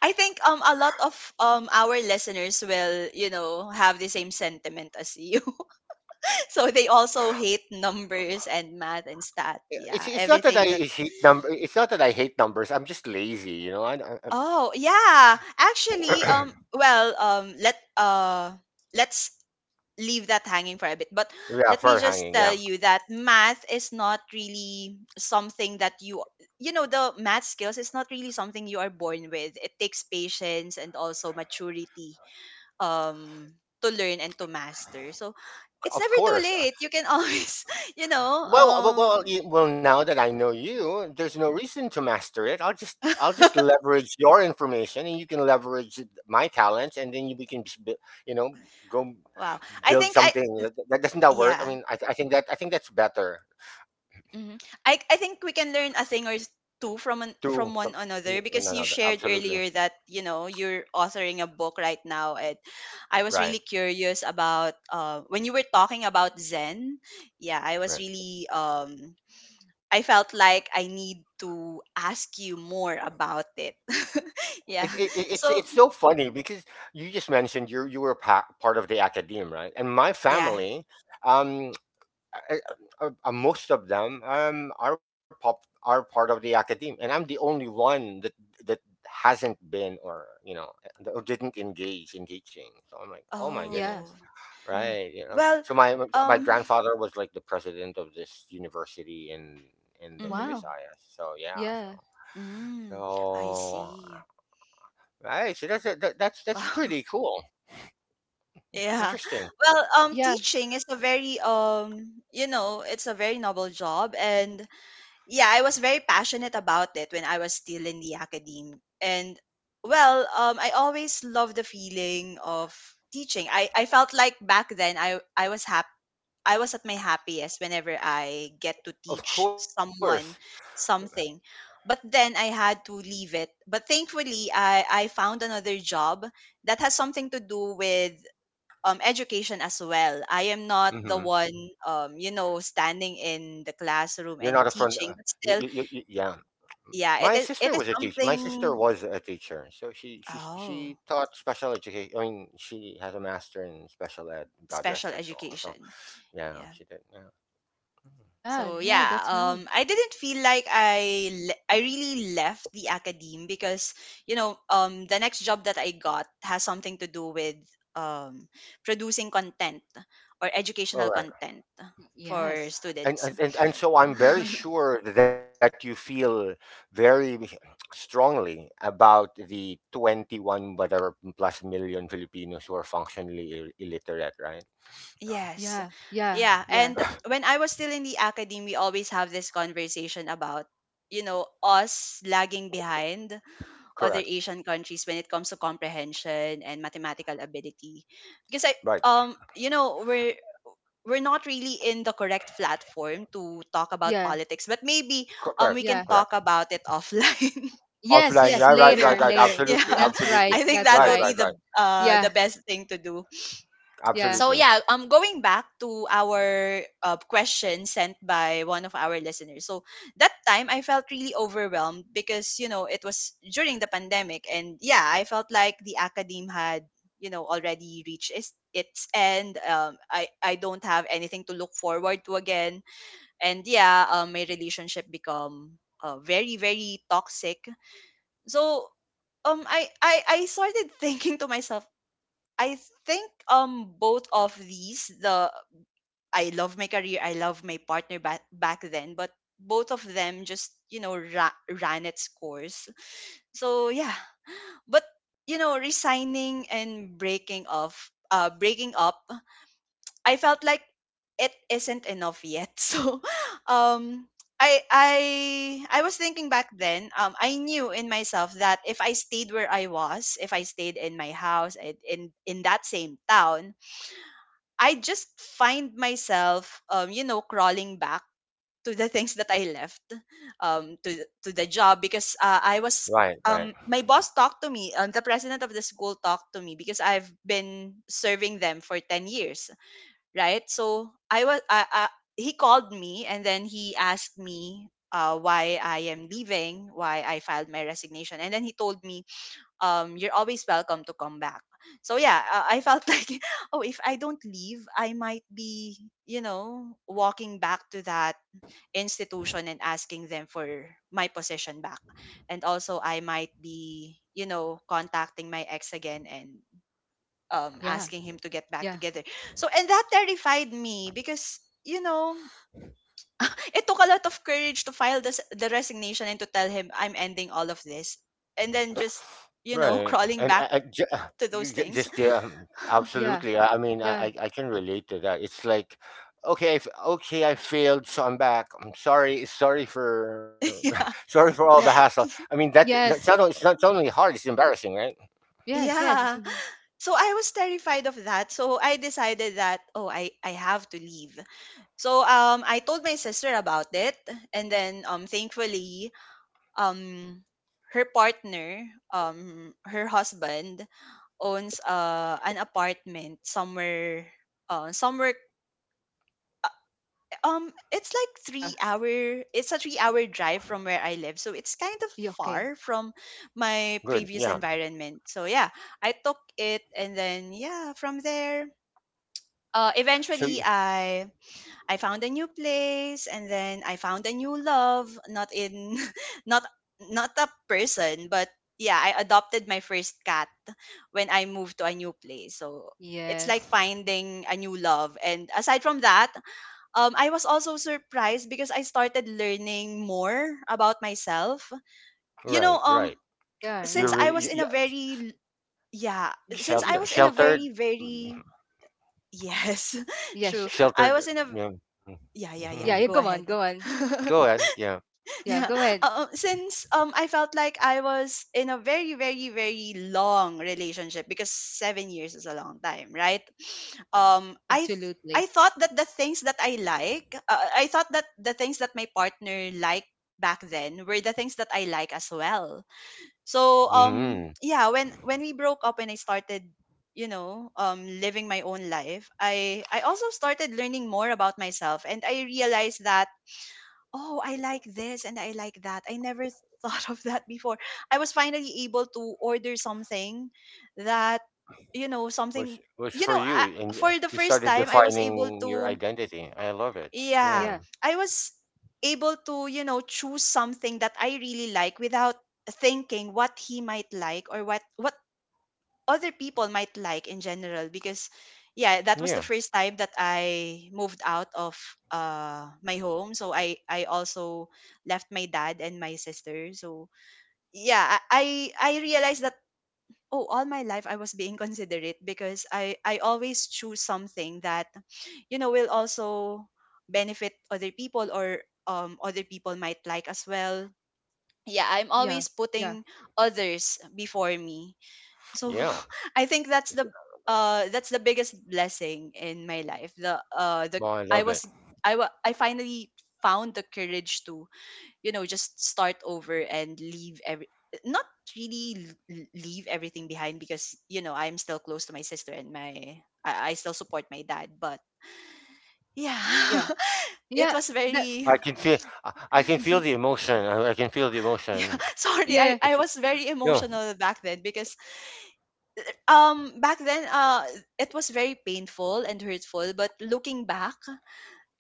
S2: I think a lot of our listeners will have the same sentiment as you. So they also hate numbers and math and stat.
S3: Yeah, It's
S2: Yeah,
S3: it's not that I
S2: everything that.
S3: hate number. It's not that I hate numbers. I'm just lazy, you know.
S2: Oh yeah, actually, well, let's leave that hanging for a bit. But let
S3: Yeah,
S2: me
S3: fur
S2: just
S3: hanging.
S2: tell
S3: Yeah,
S2: you that math is not really something that you know the math skills is not really something you are born with. It takes patience and also maturity um to learn and to master. So it's
S3: of
S2: never too
S3: course.
S2: late. You can always, you know,
S3: Well, well. Now that I know you, there's no reason to master it. I'll just leverage your information, and you can leverage my talents, and then we can just, you know, go
S2: wow. I
S3: build
S2: think I
S3: something. That doesn't that work? I
S2: yeah.
S3: mean, I think that's better.
S2: I think we can learn a thing or two from an,
S3: Two
S2: from
S3: from —
S2: one another
S3: no,
S2: because
S3: no,
S2: you
S3: no,
S2: shared
S3: absolutely
S2: earlier that you're authoring a book right now, and I was
S3: right,
S2: really curious about when you were talking about Zen. Yeah, I was
S3: right.
S2: really I felt like I need to ask you more about it.
S3: It,
S2: Yeah.
S3: it, it- it's it's
S2: So
S3: so funny because you just mentioned, you were part of the academe, right? And my
S2: yeah.
S3: family, um, uh, most of them, are part of the academe, and I'm the only one that hasn't been, or you know, or didn't engage in teaching. So I'm like, oh my
S1: Yeah.
S3: goodness,
S2: Oh
S1: Yeah.
S3: right? You know,
S2: well.
S3: so my
S2: Um.
S3: grandfather was like the president of this university in the
S2: Mm-hmm.
S1: Wow.
S3: Visayas. So yeah, so.
S1: Yeah.
S2: Mm, I
S3: So
S2: see.
S3: right. So that's that, that's pretty cool.
S2: Yeah.
S3: Interesting.
S1: y-
S2: Well,
S1: yeah.
S2: teaching is a it's a very noble job, and yeah, I was very passionate about it when I was still in the academy. And well, I always loved the feeling of teaching. I felt like back then I was happy. I was at my happiest whenever I get to
S3: Of
S2: teach
S3: course.
S2: someone something. But then I had to leave it. But thankfully, I found another job that has something to do with education as well. I am not the
S3: Hmm.
S2: one, standing in the classroom
S3: You're
S2: and
S3: not a front.
S2: teaching, but still,
S3: Yeah.
S2: yeah,
S3: My
S2: it is
S3: sister was a teacher. My sister
S2: something.
S3: was a teacher, so she she
S2: Oh,
S3: she taught special education. I mean, she has a master in special ed. God rest
S2: special
S3: her soul. So
S2: education.
S3: yeah,
S2: Yeah.
S3: she did. Yeah. Mhm.
S1: Yeah.
S2: So
S1: Yeah.
S2: yeah,
S1: That's right.
S2: I didn't feel like I really left the academe because the next job that I got has something to do with um, producing content, or
S3: All
S2: educational
S3: right.
S2: content for
S1: Yes.
S3: and
S2: students.
S3: and and and so I'm very sure that you feel very strongly about the 21 whatever plus million Filipinos who are functionally illiterate, right?
S2: Yes.
S1: Yeah. Yeah.
S2: Yeah.
S1: Yeah.
S2: And when I was still in the academy, we always have this conversation about, us lagging behind other
S3: Correct.
S2: Asian countries when it comes to comprehension and mathematical ability. Because I
S3: Right.
S2: you know, we're not really in the correct platform to talk about
S1: Yeah.
S2: politics, but maybe
S3: Correct.
S2: we
S1: Yeah.
S2: can
S3: Correct.
S2: talk about it offline.
S1: Yes.
S3: Offline.
S1: Yes.
S3: Right. Right. Right.
S1: Later,
S2: Yeah.
S3: Right.
S1: later.
S3: Absolutely.
S2: Yeah.
S1: That's right,
S3: Absolutely.
S2: I think
S1: that's
S2: that
S3: Right.
S2: will
S1: right.
S2: be
S3: Right.
S2: the
S3: Right.
S1: Yeah.
S2: best thing to do.
S1: Yeah,
S2: So
S3: Absolutely.
S2: yeah, going back to our question sent by one of our listeners, so that time I felt really overwhelmed because it was during the pandemic, and yeah, I felt like the academe had already reached its end. I don't have anything to look forward to again, and yeah, my relationship become very very toxic. So I started thinking to myself, I think both of these the I love my career, I love my partner back then, but both of them just ran its course. So yeah, but resigning and breaking off, breaking up, I felt like it isn't enough yet. So. um. I was thinking back then. I knew in myself that if I stayed where I was, if I stayed in my house, in that same town, I just find myself, crawling back to the things that I left, to the job because I was,
S3: Right. Right.
S2: my boss talked to me, the president of the school talked to me because I've been serving them for 10 years, right? So I was, I, he called me, and then he asked me why I am leaving, why I filed my resignation, and then he told me, you're always welcome to come back. So yeah, I felt like, oh, if I don't leave, I might be, walking back to that institution and asking them for my position back. And also, I might be, contacting my ex again, and
S1: yeah,
S2: asking him to get back
S1: yeah,
S2: together. So, and that terrified me because, you know, it took a lot of courage to file the resignation and to tell him I'm ending all of this. And then just,
S3: Right,
S2: crawling
S3: and
S2: back
S3: I ju-
S2: to those
S3: ju-
S2: things.
S3: just yeah,
S1: yeah,
S3: absolutely. I mean, I
S1: yeah,
S3: I I can relate to that. It's like, okay, I f okay, I failed, so I'm back. I'm sorry, sorry for,
S2: Yeah.
S3: sorry for all
S1: yeah.
S3: the hassle. I mean, that
S1: Yes,
S3: that's not only it's not only hard, it's embarrassing, right?
S1: yes, yes. It's
S2: Yeah.
S1: important.
S2: So I was terrified of that. So I decided that oh, I have to leave. So I told my sister about it, and then thankfully um her partner, her husband, owns an apartment somewhere, uh, somewhere it's like
S1: Yeah,
S2: 3 hour drive from where I live, so it's kind of
S1: okay.
S2: far from my previous
S3: Good, yeah.
S2: environment. So yeah, I took it, and then yeah, from there, eventually
S3: So you-
S2: I found a new place, and then I found a new love. Not in, not not a person, but yeah, I adopted my first cat when I moved to a new place. So it's like
S1: Yes.
S2: finding a new love, and aside from that, I was also surprised because I started learning more about myself. You know,
S3: right, right.
S1: Yeah,
S2: since
S1: right.
S2: I was in
S3: You,
S2: a
S3: you,
S2: very, yeah, since I
S1: Yeah,
S2: was in a very,
S3: sheltered,
S2: very,
S3: mm,
S2: yes,
S1: yeah,
S2: true. I was in
S3: sheltered.
S2: a,
S3: Yeah.
S2: yeah, yeah, yeah,
S1: yeah, yeah.
S3: Mhm.
S2: go
S1: Go on,
S2: ahead.
S1: go on.
S3: Go ahead. Yeah.
S1: Yeah,
S2: Yeah.
S1: go ahead.
S2: Since I felt like I was in a very very very long relationship, because 7 years is a long time, right? Um I th- I
S1: Absolutely.
S2: thought that the things that I like, I thought that the things that my partner liked back then were the things that I like as well. So
S3: hmm
S2: yeah, when we broke up and I started, you know, living my own life, I also started learning more about myself, and I realized that oh, I like this and I like that. I never thought of that before. I was finally able to order something that, you know,
S3: was
S2: something,
S3: was
S2: you
S3: for
S2: know,
S3: you
S2: I,
S3: and
S2: for the
S3: you
S2: first
S3: started
S2: time, I was able
S3: defining your
S2: to,
S3: identity. I love it.
S2: yeah,
S3: Yeah.
S1: Yeah,
S2: I was able to, you know, choose something that I really like without thinking what he might like or what other people might like in general, because yeah, that was the
S3: Yeah,
S2: first time that I moved out of my home, so I also left my dad and my sister. So yeah, I realized that oh, all my life I was being considerate, because I always choose something that, you know, will also benefit other people, or other people might like as well. Yeah, I'm
S1: yeah,
S2: always
S1: yeah,
S2: putting others before me, so
S3: yeah.
S2: I think that's the biggest blessing in my life, the
S3: Well, I
S2: I
S3: love it.
S2: was, I finally found the courage to, you know, just start over and leave every, not really, leave everything behind, because you know I'm still close to my sister and my, I still support my dad, but yeah.
S1: yeah, yeah.
S2: It was
S1: That.
S2: very.
S3: I can feel, I can feel the emotion, I can feel the
S2: Yeah,
S3: emotion.
S2: sorry,
S1: Yes.
S3: But
S2: I was very
S3: yeah.
S2: emotional back then, because back then it was very painful and hurtful, but looking back,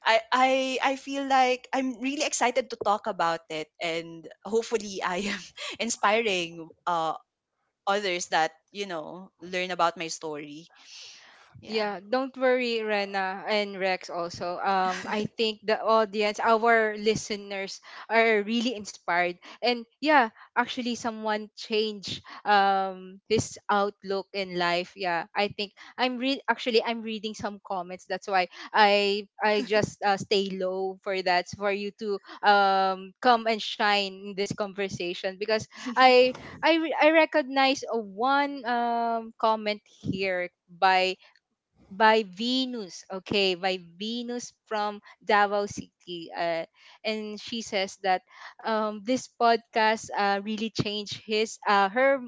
S2: I feel like I'm really excited to talk about it, and hopefully I am inspiring others that, you know, learn about my story. Yeah.
S1: Yeah, don't worry, Rena and Rex also. I think the audience, our listeners, are really inspired. And yeah, actually someone changed, his outlook in life. Yeah, I think actually I'm reading some comments. That's why I just, stay low for that for you to, come and shine in this conversation, because I I recognize a one, comment here by, Venus, okay, by Venus from Davao City. And she says that, this podcast, really changed his her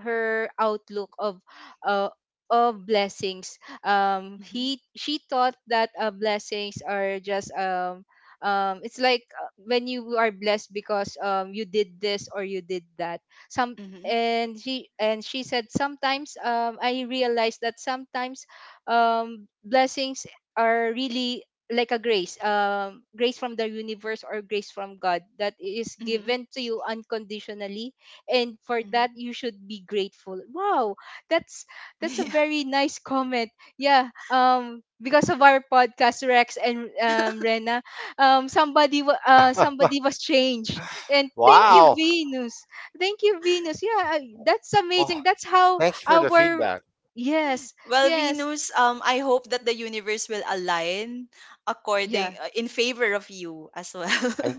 S1: her outlook of, uh, of blessings.
S2: Hmm.
S1: He she thought that, blessings are just, it's like, when you are blessed because, you did this or you did that. Some
S2: Hmm.
S1: and she said sometimes, I realized that sometimes, blessings are really like a grace from the universe or grace from God that is
S2: Hmm.
S1: given to you unconditionally, and for that
S2: Hmm.
S1: you should be grateful. Wow, that's that's a
S2: Yeah.
S1: very nice comment. Yeah, because of our podcast, Rex and, Rena, somebody was changed. And thank
S2: Yeah.
S1: you,
S3: Wow.
S1: Venus, thank you, Venus. Yeah, that's amazing.
S3: Well,
S1: That's how
S3: thanks for the
S1: our.
S3: feedback.
S1: Yes,
S2: Well,
S1: yes.
S2: Venus, I hope that the universe will align according,
S1: Yeah,
S2: in favor of you as well.
S3: And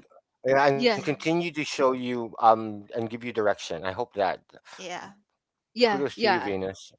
S3: yeah, and
S1: yeah,
S3: continue to show you, and give you direction. I hope that
S2: Yeah.
S1: yeah,
S3: kudos to you,
S1: yeah.
S3: Venus.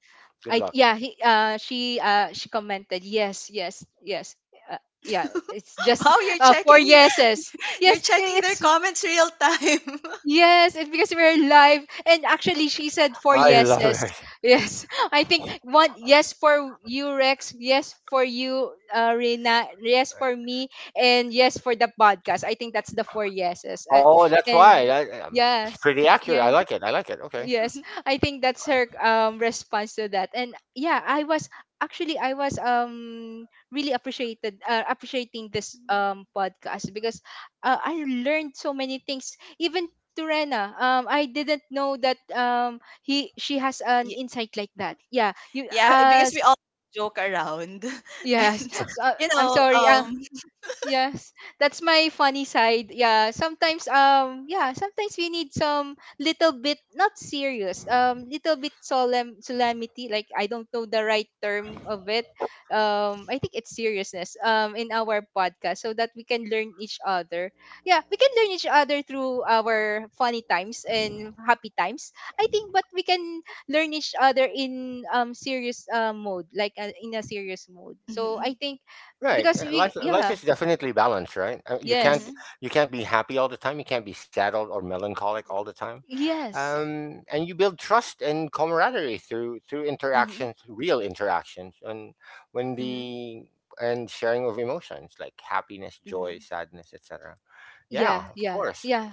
S3: Good
S1: I
S3: luck.
S1: Yeah, he she commented yes, yes, yes. Uh, yeah, it's just,
S2: Wow, you're
S1: four
S2: checking.
S1: yeses.
S2: You're
S1: Yes,
S2: checking their
S1: it's
S2: comments real time.
S1: yes, it's because we're live, and actually she said four
S3: I love
S1: yeses.
S3: it.
S1: Yes. I think one yes for you, Rex, yes for you, Rena, yes for me, and yes for the podcast. I think that's the four yeses.
S3: Oh, that's why.
S1: And
S3: It's
S1: yes.
S3: pretty accurate.
S1: Yes.
S3: I like it. I like it, okay.
S1: Yes, I think that's her, response to that. And yeah, I was actually I was, really appreciated appreciating this, podcast, because, I learned so many things. Even Turena, I didn't know that, he she has an
S2: Ye-
S1: insight like that. Yeah, you
S2: yeah, because
S1: as
S2: we all joke around,
S1: yes.
S2: and
S1: So,
S2: you
S1: I'm
S2: know,
S1: sorry. Yes, that's my funny side. Yeah, sometimes we need some little bit not serious, little bit solemnity, like, I don't know the right term of it. I think it's seriousness, in our podcast so that we can learn each other. Yeah, we can learn each other through our funny times and happy times. I think, but we can learn each other in, serious, mode, like, in a serious mode. So I
S2: mhm,
S1: think
S3: Right.
S1: because
S3: uh,
S1: we
S3: Life uh, life
S1: yeah.
S3: is definitely balanced, right? You can't
S1: Yes.
S2: mhm,
S3: you can't be happy all the time. You can't be sad or melancholic all the time.
S1: Yes.
S3: And you build trust and camaraderie through
S2: mhm,
S3: interactions, real interactions, and when
S2: mhm,
S3: the and sharing of emotions like happiness, joy,
S2: mhm,
S3: sadness, etc.
S1: Yeah,
S3: Yeah, of
S1: yeah,
S3: course.
S1: yeah.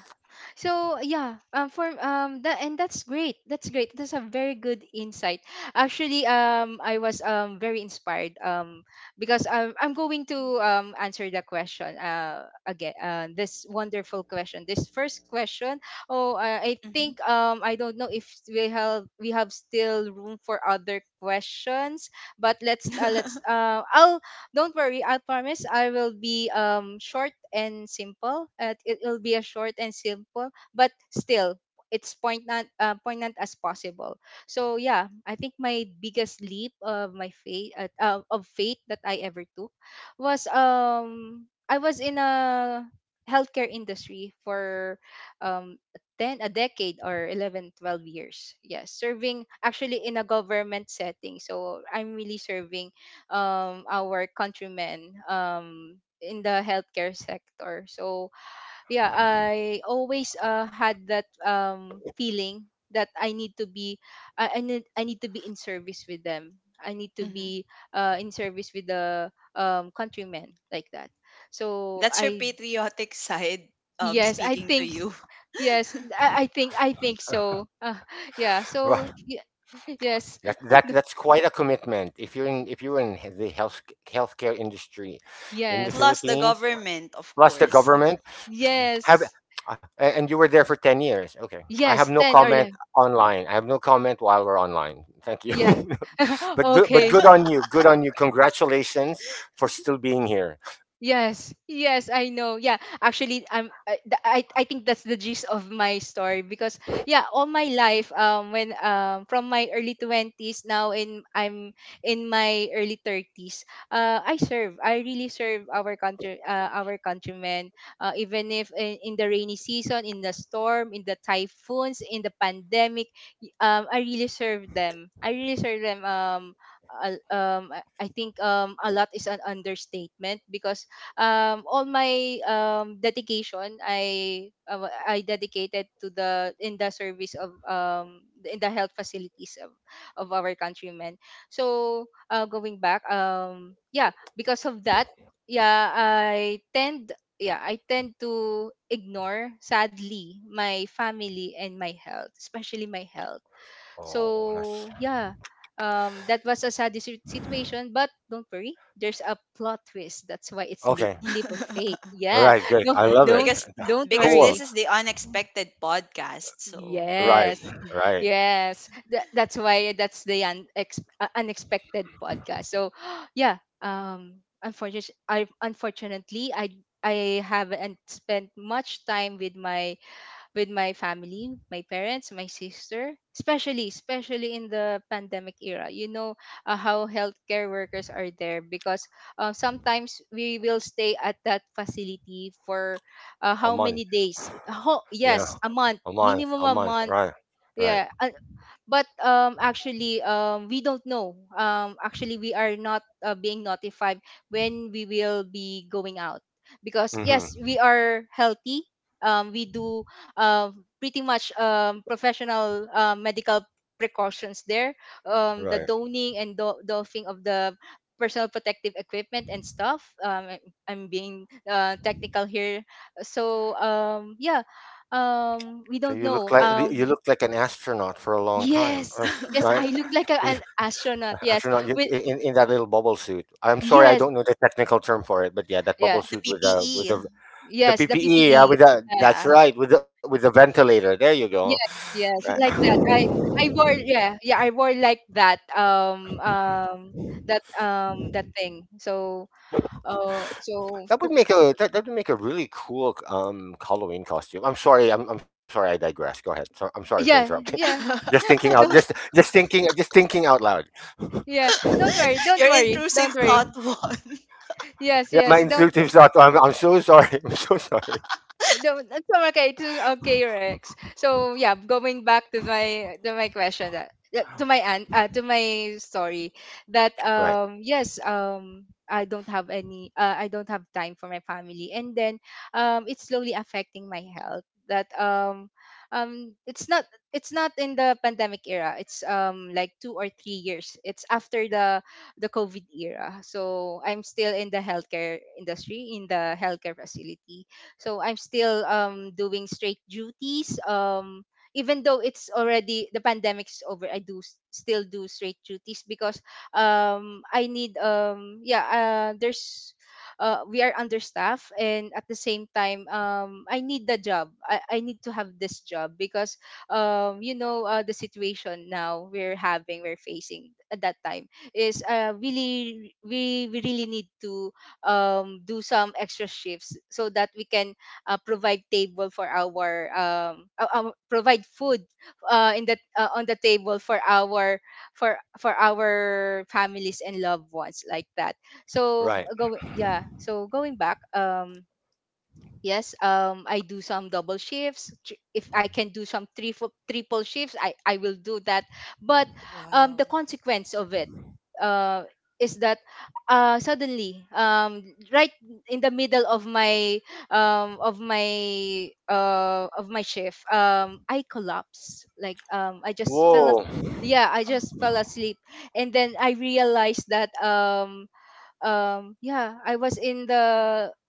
S1: So yeah, for, that's great. That's great. That's a very good insight. Actually, I was, very inspired, because I'm going to, answer the question, again, this first question. Oh, I
S2: mhm,
S1: think, I don't know if we have still room for other questions, but let's I'll. Don't worry, I promise I will be, short and simple. It will be a short and simple, but still it's poignant as possible. So yeah, I think my biggest leap of my faith, of faith that I ever took, was I was in a healthcare industry for um 10 a decade or 11-12 years, yes, serving actually in a government setting. So I'm really serving our countrymen in the healthcare sector. So yeah, I always had that feeling that I need to be I need to be in service with them. I need to
S2: mhm.
S1: be in service with the countrymen, like that. So
S2: That's your
S1: I
S2: patriotic side,
S1: yes, I
S2: speaking to
S1: think.
S2: you.
S1: Yes, I think so. Yeah.
S3: Well,
S1: So yes,
S3: that's quite a commitment. If you're in the healthcare industry in the
S1: yes,
S2: Plus the
S3: Philippines,
S2: government, of
S3: plus the
S2: course.
S3: government. Have
S1: yes,
S3: and you were there for 10 years. Okay. I have
S1: yes.
S3: no
S1: Ten or
S3: comment
S1: eleven.
S3: online. I have no comment while we're online. Thank you.
S1: Yeah.
S3: But
S1: Okay.
S3: good on you. Good on you. Congratulations for still being here.
S1: Yes, yes, I know. Yeah, actually, I, th- I think that's the gist of my story, because yeah, all my life, when from my early twenties, now in I'm in my early thirties. I serve. I really serve our country, our countrymen. Even if in the rainy season, in the storm, in the typhoons, in the pandemic, I really serve them. I really serve them. Al- um I I think a lot is an understatement, because all my dedication, I dedicated to the in the service of in the health facilities of our countrymen. So, going back, because of that, yeah i tend yeah, I tend to ignore, sadly, my family and my health, especially my health.
S3: Oh, that's-
S1: So yeah, that was a sad situation, but don't worry, there's a plot twist. That's why it's lit
S3: okay.
S1: leap of faith.
S3: All
S1: Yeah,
S3: right, good.
S1: no,
S3: I love it.
S1: don't
S2: because
S1: don't
S2: because
S3: Cool.
S2: this
S1: worry.
S2: is the unexpected podcast, so.
S3: Right.
S1: Yes,
S3: Right.
S1: yes. That's why. That's the unexpected podcast. So yeah, unfortunately, I haven't spent much time with my, family, my parents, my sister, especially in the pandemic era. You know how healthcare workers are there, because sometimes we will stay at that facility for, how
S3: A
S1: many
S3: month.
S1: days?
S3: Yeah.
S1: Yes, a month,
S3: A month.
S1: minimum
S3: A
S1: a
S3: month.
S1: month.
S3: Right. Right.
S1: Yeah, but actually we don't know. Actually We are not being notified when we will be going out, because yes, we
S3: Mhm.
S1: are healthy. We do pretty much professional, medical precautions there, the
S3: Right.
S1: donning and doffing of the personal protective equipment and stuff. I'm being technical here. So yeah, we don't know,
S3: You looked like an astronaut for a long time.
S1: yes, yes,
S3: Right?
S1: I look like an astronaut. Yes,
S3: Astronaut,
S1: with
S3: in that little bubble suit. I'm sorry, I
S1: yes,
S3: don't know the technical term for it, but yeah, that bubble
S1: yeah,
S2: The
S3: suit with the with
S2: PPE,
S3: the the
S1: yes, the
S3: PPE. Yeah,
S1: PPE.
S3: with the
S1: Yeah,
S3: that's
S2: yeah.
S3: right, with the ventilator. There you go.
S1: yes, yes, like that.
S3: Right.
S1: I wore, I wore like that, that thing. So so,
S3: That would make a that, that would make a really cool Halloween costume. I'm sorry, I'm sorry, I digress. Go ahead. So, I'm sorry for
S1: yeah,
S3: interrupting.
S1: yeah,
S3: Just thinking out, just
S1: no,
S3: just thinking, just thinking out loud.
S1: yeah,
S2: Your intrusive
S1: don't
S2: thought
S1: worry.
S2: one.
S1: Yes,
S3: Yeah, my
S1: yes, don't
S3: intuitive thought. I'm so sorry. I'm so sorry.
S1: no, that's okay. Okay, Rex. So yeah, going back to my, question, that yeah, to my story, that
S3: Right,
S1: yes, I don't have time for my family. And then it's slowly affecting my health. That, um it's not it's not in the pandemic era. It's, like 2 or 3 years, it's after the COVID era. So I'm still in the healthcare industry, in the healthcare facility. So I'm still doing straight duties, even though it's already, the pandemic's over. I do still do straight duties, because I need, there's, we are understaffed. And at the same time, I need the job. I need to have this job, because you know, the situation now we're facing at that time is, really, we really need to, do some extra shifts so that we can, provide table for our provide food, in the on the table for our, for our families and loved ones, like that. So,
S3: right.
S1: go yeah so going back, yes, I do some double shifts. If I can do some three triple shifts, I will do that. But,
S2: Wow.
S1: the consequence of it, uh, is that, suddenly, right in the middle of my, um, of my of my shift, I collapse. Like, I just fell.
S3: Whoa.
S1: Yeah, I
S2: Oh.
S1: just fell asleep. And then I realized that, yeah, I was in the,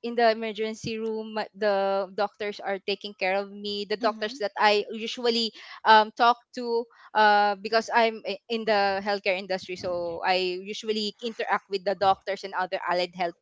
S1: emergency room. The doctors are taking care of me, the doctors
S2: Mm-hmm.
S1: that I usually, talk to, because I'm, in the healthcare industry. So I usually interact with the doctors and other allied health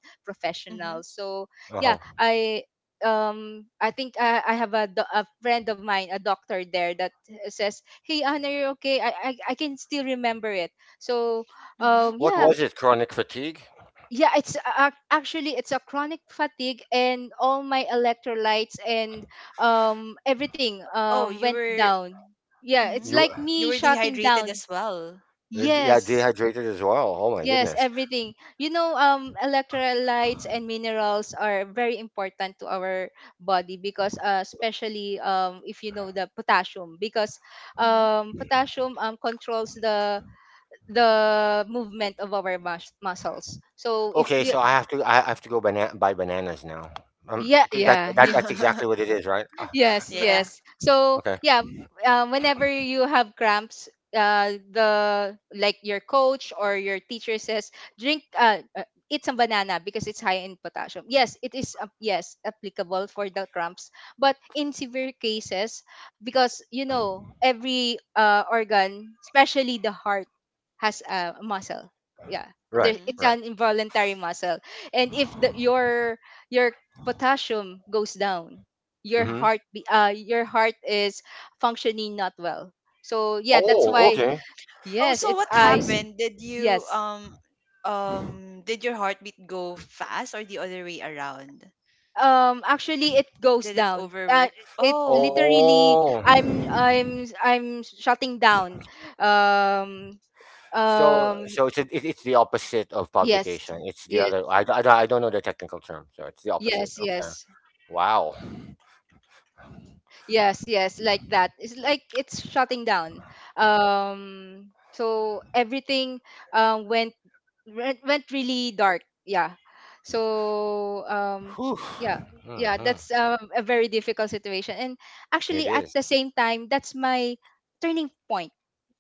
S2: Mm-hmm.
S1: professionals. So yeah,
S3: Uh-huh.
S1: I think, I have a friend of mine, a doctor there, that says, "Hey, Anna, you're okay." I can still remember it. So
S2: Mm-hmm.
S3: What
S1: yeah,
S3: was it? Chronic fatigue?
S1: yeah, it's, actually it's a chronic fatigue, and all my electrolytes and everything,
S2: Oh, you
S1: went
S2: were.
S1: down. Yeah, it's
S2: Mm-hmm.
S3: You
S1: like
S2: You
S1: me
S2: were
S1: shutting
S2: dehydrated
S1: down.
S2: as well.
S3: Yeah,
S1: Yes.
S3: dehydrated as well. Oh my
S1: Yes,
S3: goodness.
S1: everything. You know, electrolytes and minerals are very important to our body, because especially, if you know, the potassium, because
S2: Mm-hmm.
S1: potassium controls the, movement of our muscles. So if
S3: Okay,
S1: we...
S3: so
S2: Mm-hmm.
S3: I have to go bana- buy bananas now.
S1: Yeah,
S3: Okay, that,
S1: yeah,
S3: that
S1: yeah.
S3: that's exactly what it is, right?
S1: Yes,
S2: Yeah.
S1: yes. So
S3: Okay.
S1: yeah, whenever you have cramps, the like your coach or your teacher says, drink, uh, uh, eat some banana, because it's high in potassium. Yes, it is. Yes, applicable for the cramps, but in severe cases, because you know, every organ, especially the heart, has a muscle. Yeah,
S3: Right,
S1: there,
S2: Mm-hmm.
S1: it's
S3: right.
S1: an involuntary muscle, and if your your potassium goes down, your
S3: Mhm.
S1: your heart is functioning not well. So yeah, that's
S3: Oh,
S1: why,
S2: Mm-hmm.
S3: okay.
S2: Oh,
S1: yes,
S2: so
S1: it's,
S2: what happened? Did you
S1: yes,
S2: um did your heartbeat go fast or the other way around?
S1: actually, it goes
S2: Did it
S1: down,
S2: overwork?
S1: it
S2: Oh.
S1: literally,
S3: Oh.
S1: I'm shutting down, um
S3: So
S1: um
S3: so it's the opposite of
S1: yes,
S3: palpitation. It's the
S1: yes,
S3: other — I don't know the technical term. So it's the opposite.
S1: yes,
S3: Okay.
S1: yes,
S3: Wow.
S1: yes, yes, like that. It's like it's shutting down. um so everything, when went went really dark. Yeah. So,
S3: Whew.
S1: yeah, yeah,
S3: Mhm.
S1: that's, a very difficult situation. And
S3: It
S1: actually, at
S3: is.
S1: the same time, that's my turning point.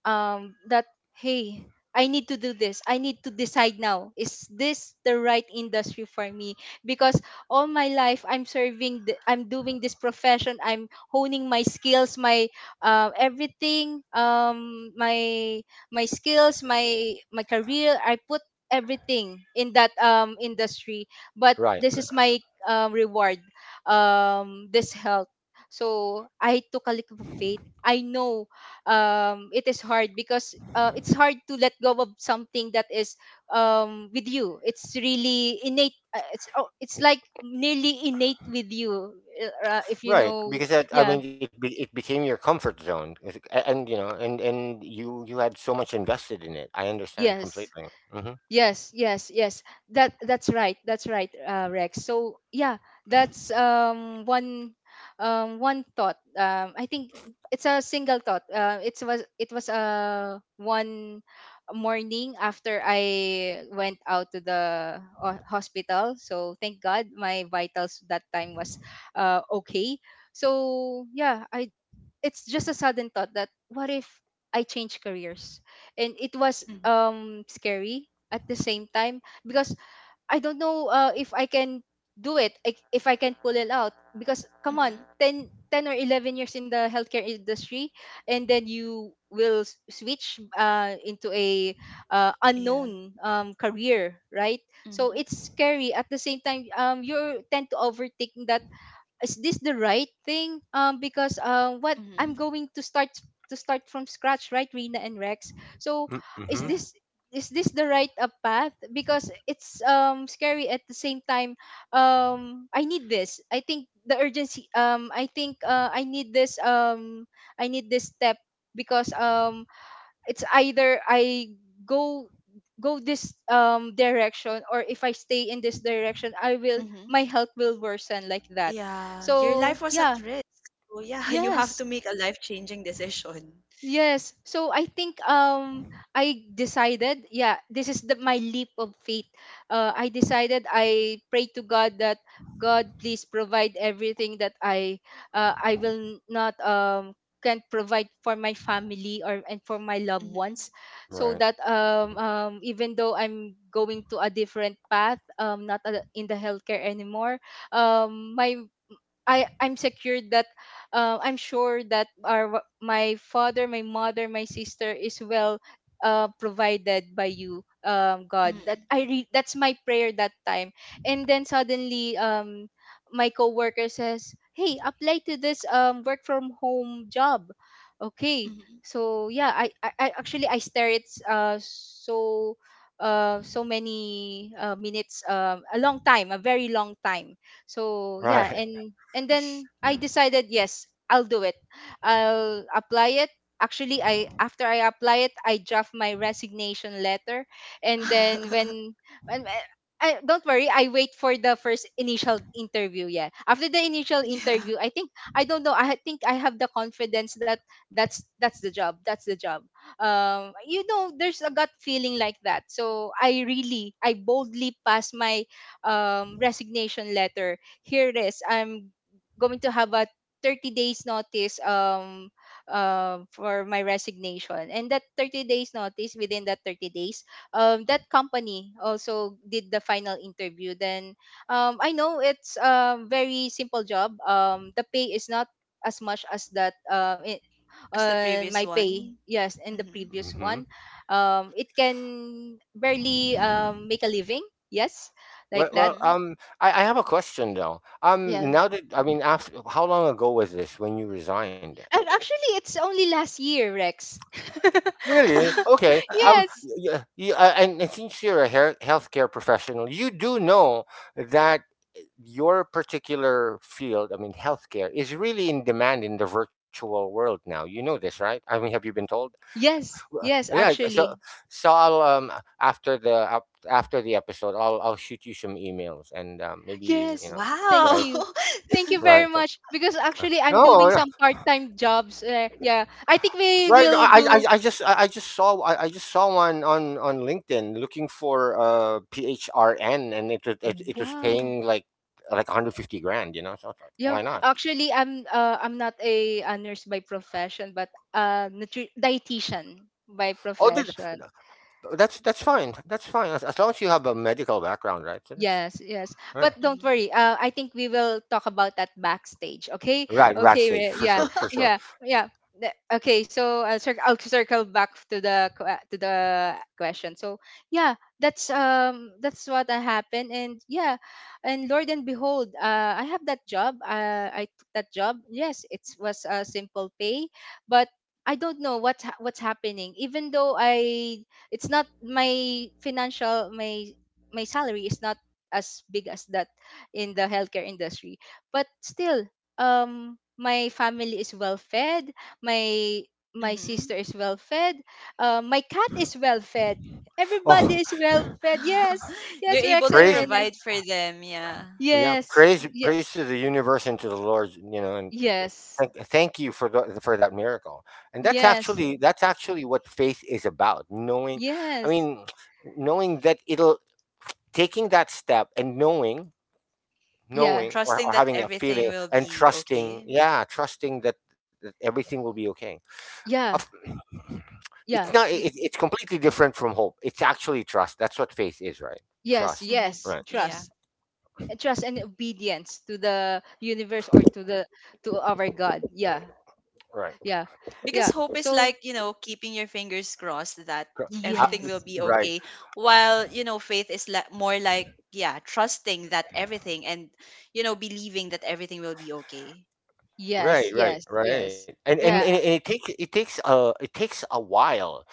S1: That, hey, I need to do this. I need to decide now. Is this the right industry for me? Because all my life, I'm serving, I'm doing this profession. I'm honing my skills, my everything my my skills, my career. I put everything in that, industry. But
S3: Right.
S1: this is my, reward, this health. So I took a leap of faith. I know, it is hard, because, it's hard to let go of something that is, with you, it's really innate. It's like nearly innate with you, if you
S3: Right,
S1: know.
S3: because that, I
S1: Yeah,
S3: mean, it became your comfort zone. And, you know, and you had so much invested in it. I understand
S1: yes.
S3: completely. Mm-hmm.
S1: Yes, yes, yes. That's right. That's right, Rex. So yeah, that's, one thought. I think it's a single thought. It was, one morning after I went out to the hospital. So thank God, my vitals that time was, okay. So yeah, I it's just a sudden thought, that what if I change careers? And it was,
S2: Mm-hmm.
S1: scary at the same time, because I don't know, if I can do it, if I can pull it out, because come on,
S2: Mm-hmm.
S1: 10 or 11 years in the healthcare industry. And then you will, switch, into a,
S2: Yeah.
S1: unknown, career, right? So
S2: Mm-hmm.
S1: it's scary at the same time. You tend to overthink that. Is this the right thing? Because, what
S2: Mm-hmm.
S1: I'm going to, start from scratch, right, Rina and Rex? So
S3: Mm-hmm.
S1: is
S2: Yeah.
S1: this the right, path? Because it's, scary at the same time. I need this. I think the urgency. I think, I need this. I need this step, because it's either I go go this, direction, or if I stay in this direction, I will
S2: Mm-hmm.
S1: my health will worsen, like that.
S2: Yeah, your
S1: So
S2: life was at
S1: yeah,
S2: risk. So yeah, you have
S1: yes.
S2: to make a life-changing decision.
S1: Yes. So I think, I decided, yeah, this is the my leap of faith. I decided I pray to God that, God, please provide everything that I, I will not can't provide for my family, or and for my loved
S2: Mm-hmm.
S1: ones, so
S3: Right.
S1: that,
S3: Mhm.
S1: even though I'm going to a different path, not in the healthcare anymore, my I'm secured that, I'm sure that, our my father, my mother, my sister is well provided by you, God. That
S2: Mhm,
S1: that's my prayer that time. And then suddenly, my coworker says, "Hey, apply to this work from home job." Okay,
S2: mhm.
S1: so yeah, I stare it, so. So many minutes, a long time, a very long time. So yeah,
S3: Right.
S1: and then I decided, yes, I'll do it. I'll apply it. Actually, I, after I apply it, I draft my resignation letter. And then when I, don't worry, I wait for the first initial interview. Yeah, after the initial
S2: Yeah.
S1: interview, I think, I don't know, I think I have the confidence that that's the job, that's the job. There's a gut feeling like that, so I really, I boldly passed my resignation letter. Here it is, I'm going to have a 30 days notice, for my resignation. And that 30 days notice, within that 30 days, um, that company also did the final interview. Then um, I know it's a very simple job. Um, the pay is not as much as that,
S2: As the
S1: on my
S2: previous
S1: pay,
S2: one.
S1: yes, in the
S2: Mhm,
S1: previous
S3: Mm-hmm.
S1: one. Um, it can barely make a living. Yes, like that.
S2: mhm.
S3: I have a question, though.
S1: Yeah.
S3: Now that — I mean, after, how long ago was this when you resigned?
S1: And actually, it's only last year, Rex.
S3: Really? Okay. Um,
S1: Yes.
S3: yeah, yeah, and, and since you're a healthcare professional, you do know that your particular field, I mean, healthcare, is really in demand in the virtual world now. You know this, right? I mean, have you been told?
S1: Yes.
S3: Well,
S1: Yes,
S3: yeah. So,
S1: actually.
S3: so I'll after the episode, I'll shoot you some emails and maybe
S1: Yes. Thank
S2: Wow!
S3: right,
S1: you. Thank you very
S3: right.
S1: much. Because actually, I'm doing
S3: No, no,
S1: some part time jobs. Yeah. I think we
S3: right.
S1: will
S3: I
S1: do.
S3: I, I just I I just saw I just saw one on LinkedIn looking for PHRN and it was
S1: Wow.
S3: paying like 150 grand. You know, so I was like,
S1: Yeah,
S3: why not?
S1: actually, I'm not a nurse by profession, but dietitian by
S3: Oh, did,
S1: profession.
S3: That's fine. That's fine as long as you have a medical background, right?
S1: Yes, yes. But
S3: Right.
S1: don't
S2: Mhm.
S1: worry. I think we will talk about that backstage. Okay.
S3: Right,
S1: Okay.
S3: backstage, for
S1: Yeah.
S3: sure, for sure.
S1: Yeah. Yeah. The- Okay. So I'll circle back to the question. So yeah, that's what happened. And yeah, and Lord and behold, I have that job. I took that job. Yes, it was a simple pay, but I don't know what's happening. Even though I, it's not my financial my my salary is not as big as that in the healthcare industry, but still, um, my family is well fed, my my sister
S2: Mhm.
S1: is well fed, my cat is well fed, everybody
S3: Oh,
S1: is well fed. Yes,
S2: You're
S1: yes,
S2: able
S1: Rex
S2: to
S1: and
S3: praise,
S1: Rena.
S2: provide for them, yeah.
S1: Yes, yeah,
S3: praise to the universe and to the Lord, you know, and
S1: yes,
S3: thank you for for that miracle. And
S1: yes,
S2: Mhm.
S3: that's actually what faith is about. Knowing, I
S1: yes,
S3: mean, knowing that it'll taking that step and
S1: yeah,
S3: knowing,
S2: Trusting
S3: or
S2: that
S3: having that
S2: everything
S3: feeling
S2: will
S3: and
S2: be
S3: trusting,
S2: okay.
S3: yeah, trusting that, that everything will be okay. Of-
S1: yeah,
S3: It's
S1: yeah,
S3: not. It's completely different from hope. It's actually trust. That's what faith is, right?
S1: yes,
S3: Trust.
S2: Hmm.
S1: yes,
S3: Right.
S2: Yeah,
S1: trust. Trust and obedience to the universe, or to the to our God. Yeah,
S3: Right.
S1: yeah,
S2: because
S1: yeah,
S2: hope is
S1: so
S2: like, you know, keeping your fingers crossed that
S3: Cor- Uh,
S2: everything will
S1: yes,
S2: be okay,
S3: right.
S2: while you know faith is like more like yeah, trusting that everything, and you know, believing that everything will be okay.
S1: yes, yes, yes,
S3: Right. And and, and
S1: yeah,
S3: and it takes a while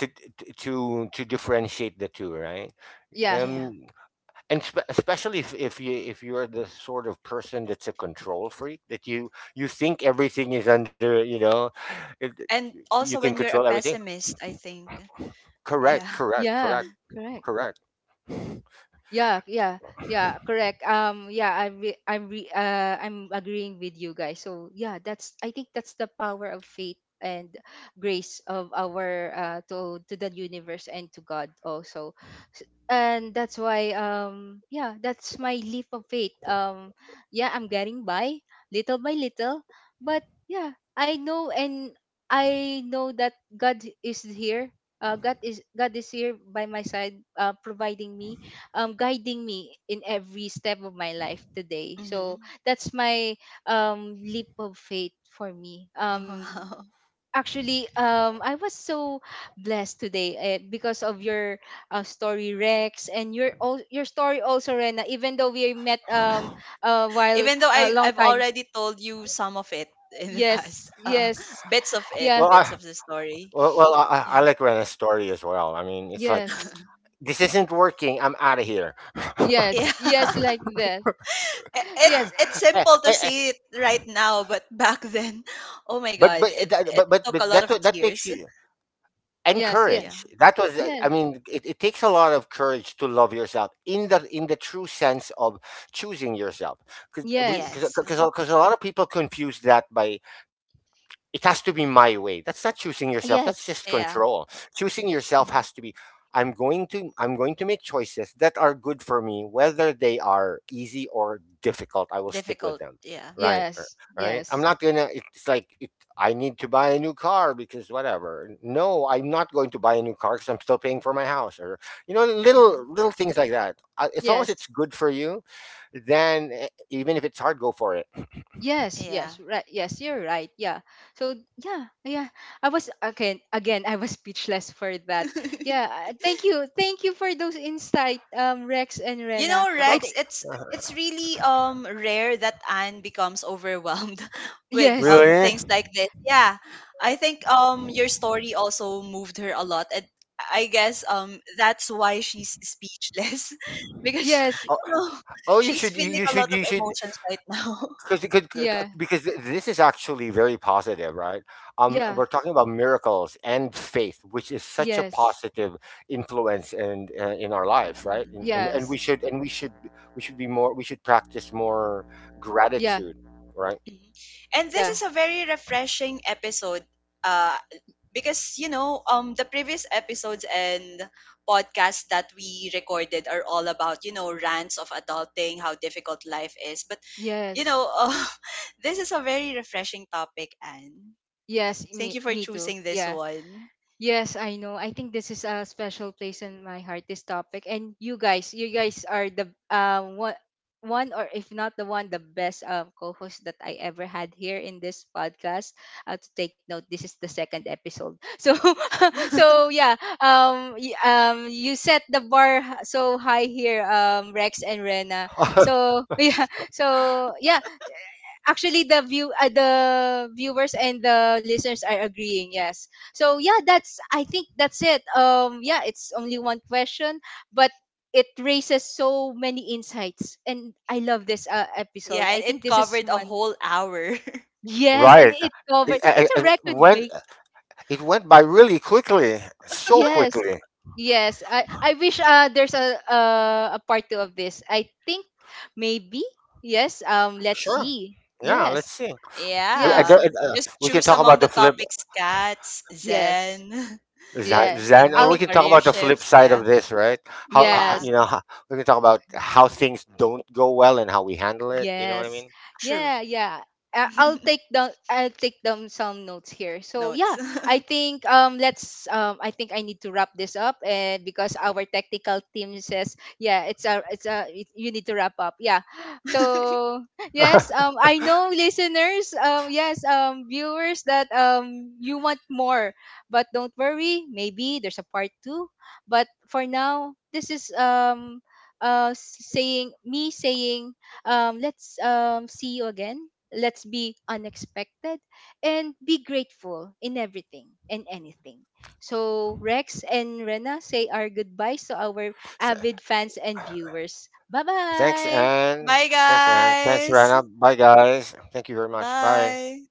S3: to to differentiate the two, right?
S1: yeah,
S2: Yeah,
S3: Um, Especially if you if you're the sort of person that's a control freak, that you think everything is under, you know, it,
S2: and
S3: you
S2: also
S3: can
S2: when you're
S3: control
S2: a
S3: everything.
S2: pessimist, I think.
S1: y-
S3: Correct.
S2: Yeah.
S3: Correct.
S1: yeah,
S3: Correct.
S1: correct.
S3: Correct.
S1: Yeah, yeah, yeah, correct. Yeah, I re I'm agreeing with you guys. So yeah, that's, I think that's the power of faith and grace of our, uh, to the universe and to God also. And that's why yeah, that's my leap of faith. Yeah, I'm getting by little, but yeah, I know, and I know that God is here. God is here by my side, providing me guiding me in every step of my life today. So
S2: Hmm.
S1: that's my leap of faith for me.
S2: Wow.
S1: Actually, I was so blessed today because of your story, Rex, and your your story also, Rena. Even though we met while
S2: Even though
S1: a
S2: I
S1: long
S2: I've
S1: time.
S2: already told you some of it in the past,
S1: Yes, yes,
S2: bits of it,
S3: Well,
S1: yeah,
S3: I
S2: bits of the story.
S3: Well, well, I, I
S2: Yeah.
S3: like Rena's story as well. I mean, it's like
S1: yes,
S3: this isn't working. I'm out of here.
S2: Yeah.
S1: yes, yes, like that.
S2: I-
S1: Yes,
S2: It's
S3: Eh,
S2: simple
S3: eh,
S2: to
S3: eh,
S2: say it right now, but back then, oh my
S3: but
S2: God,
S3: eh,
S2: it
S3: that-
S2: it took
S3: but
S2: a
S3: that
S2: lot of
S3: that makes
S2: tears.
S3: you
S1: yes, yes,
S2: Yeah.
S3: encourage.
S1: yes,
S3: I mean, it takes a lot of courage to love yourself in the true sense of choosing yourself. Because we,
S1: yes,
S2: Yes.
S3: because a 'cause a lot of people confuse that by it has to be my way. That's not choosing yourself. That's just
S1: yes.
S2: Yeah.
S3: control. Choosing yourself has to
S2: Hmm.
S3: be I'm going to make choices that are good for me whether they are easy or difficult. I will stick with
S2: Difficult.
S3: them.
S2: Yeah.
S3: Right? r-
S1: Yes,
S3: Right? I'm
S1: yes,
S3: not going to it's like it, I need to buy a new car because whatever. No, I'm not going to buy a new car cuz I'm still paying for my house or you know
S2: Hmm.
S3: little things like that. As long as
S1: yes,
S3: it's good for you, then even if it's hard, go for it.
S1: yes,
S2: Yeah.
S1: yes, right. Yes, you're right. Yeah. So yeah, yeah. I was again, again. I was speechless for that. Yeah. Thank you for those insight, Rex and
S2: You
S1: Rena.
S2: know,
S3: You're welcome.
S2: Rex, it's
S3: Uh,
S2: it's really rare that Anne becomes overwhelmed with
S1: Yes,
S3: Really?
S2: things like this. Yeah. I think your story also moved her a lot, and I guess that's why she's speechless because,
S1: yes,
S2: you know,
S3: Oh,
S2: she's feeling a lot of
S3: you should,
S2: emotions right now.
S3: because
S1: yeah,
S3: because this is actually very positive, right?
S1: yeah,
S3: We're talking about miracles and faith, which is such a
S1: yes,
S3: positive influence and in our life, right? And we
S1: yes,
S3: should we should be more we should practice more
S1: yeah,
S3: gratitude, right?
S2: Mhm. And this
S1: yeah,
S2: is a very refreshing episode, uh, because, you know, the previous episodes and podcasts that we recorded are all about, you know, rants of adulting, how difficult life is. But, you
S1: yes,
S2: know, this is a very refreshing topic, and
S1: yes.
S2: thank
S1: Me,
S2: you for
S1: me too.
S2: choosing this
S1: Yeah.
S2: one.
S1: Yes, I know. I think this is a special place in my heart, this topic. And you guys are the one, one or if not the one, the best co-host that I ever had here in this podcast. To take note, this is the second episode. So, so yeah, you set the bar so high here, Rex and Rena. So yeah, so yeah, actually the viewers and the listeners are agreeing. Yes, so yeah, that's, I think that's it. Um, yeah, it's only one question, but it raises so many insights, and I love this episode.
S2: Yeah, and
S1: I think
S2: it
S1: this is
S2: covered a
S1: one.
S2: whole hour.
S1: Yes, and
S3: right.
S1: it covered, it's a
S3: And
S1: record
S3: when
S1: break.
S3: it went by really quickly, so
S1: Yes,
S3: quickly.
S1: yes, I wish there's a part two of this, I think. Maybe. Yes, um, let's
S3: Sure.
S1: see.
S3: Yeah. Let's
S1: Yes,
S3: see. We I,
S1: yes,
S3: don't-
S2: Yeah. Just
S3: We can
S2: choose
S3: talk
S2: among
S3: about
S2: the
S3: the flip.
S2: topics: cats,
S1: yes,
S2: zen,
S3: Zen,
S1: yeah.
S2: and
S3: Zen, or
S2: maybe
S3: we
S1: I'll.
S3: can talk
S2: career
S3: about the flip
S2: shifts.
S3: side of
S2: Yeah.
S3: this, right? How
S2: Yeah.
S1: Yes.
S3: you know, how, We can talk about how things don't go well and how we handle it. You know what I
S1: Yes.
S3: mean?
S2: True.
S1: Yeah, yeah. I'll take down some notes here. So yeah,
S2: Notes.
S1: I think let's um, I think I need to wrap this up, and because our technical team says yeah, it's a it, you need to wrap up. Yeah. So yes, um, I know listeners, yes, viewers that you want more, but don't worry, maybe there's a part two. But for now, this is saying, me saying let's see you again. Let's be unexpected and be grateful in everything and anything. So, Rex and Rena, say our goodbyes to our
S3: So,
S1: avid fans and viewers. Bye
S3: thanks,
S1: bye.
S3: Anne.
S2: Bye,
S3: Thanks, Anne. Thanks,
S2: guys.
S3: Rana. Bye, guys. Thank you very much. Bye.
S2: Bye.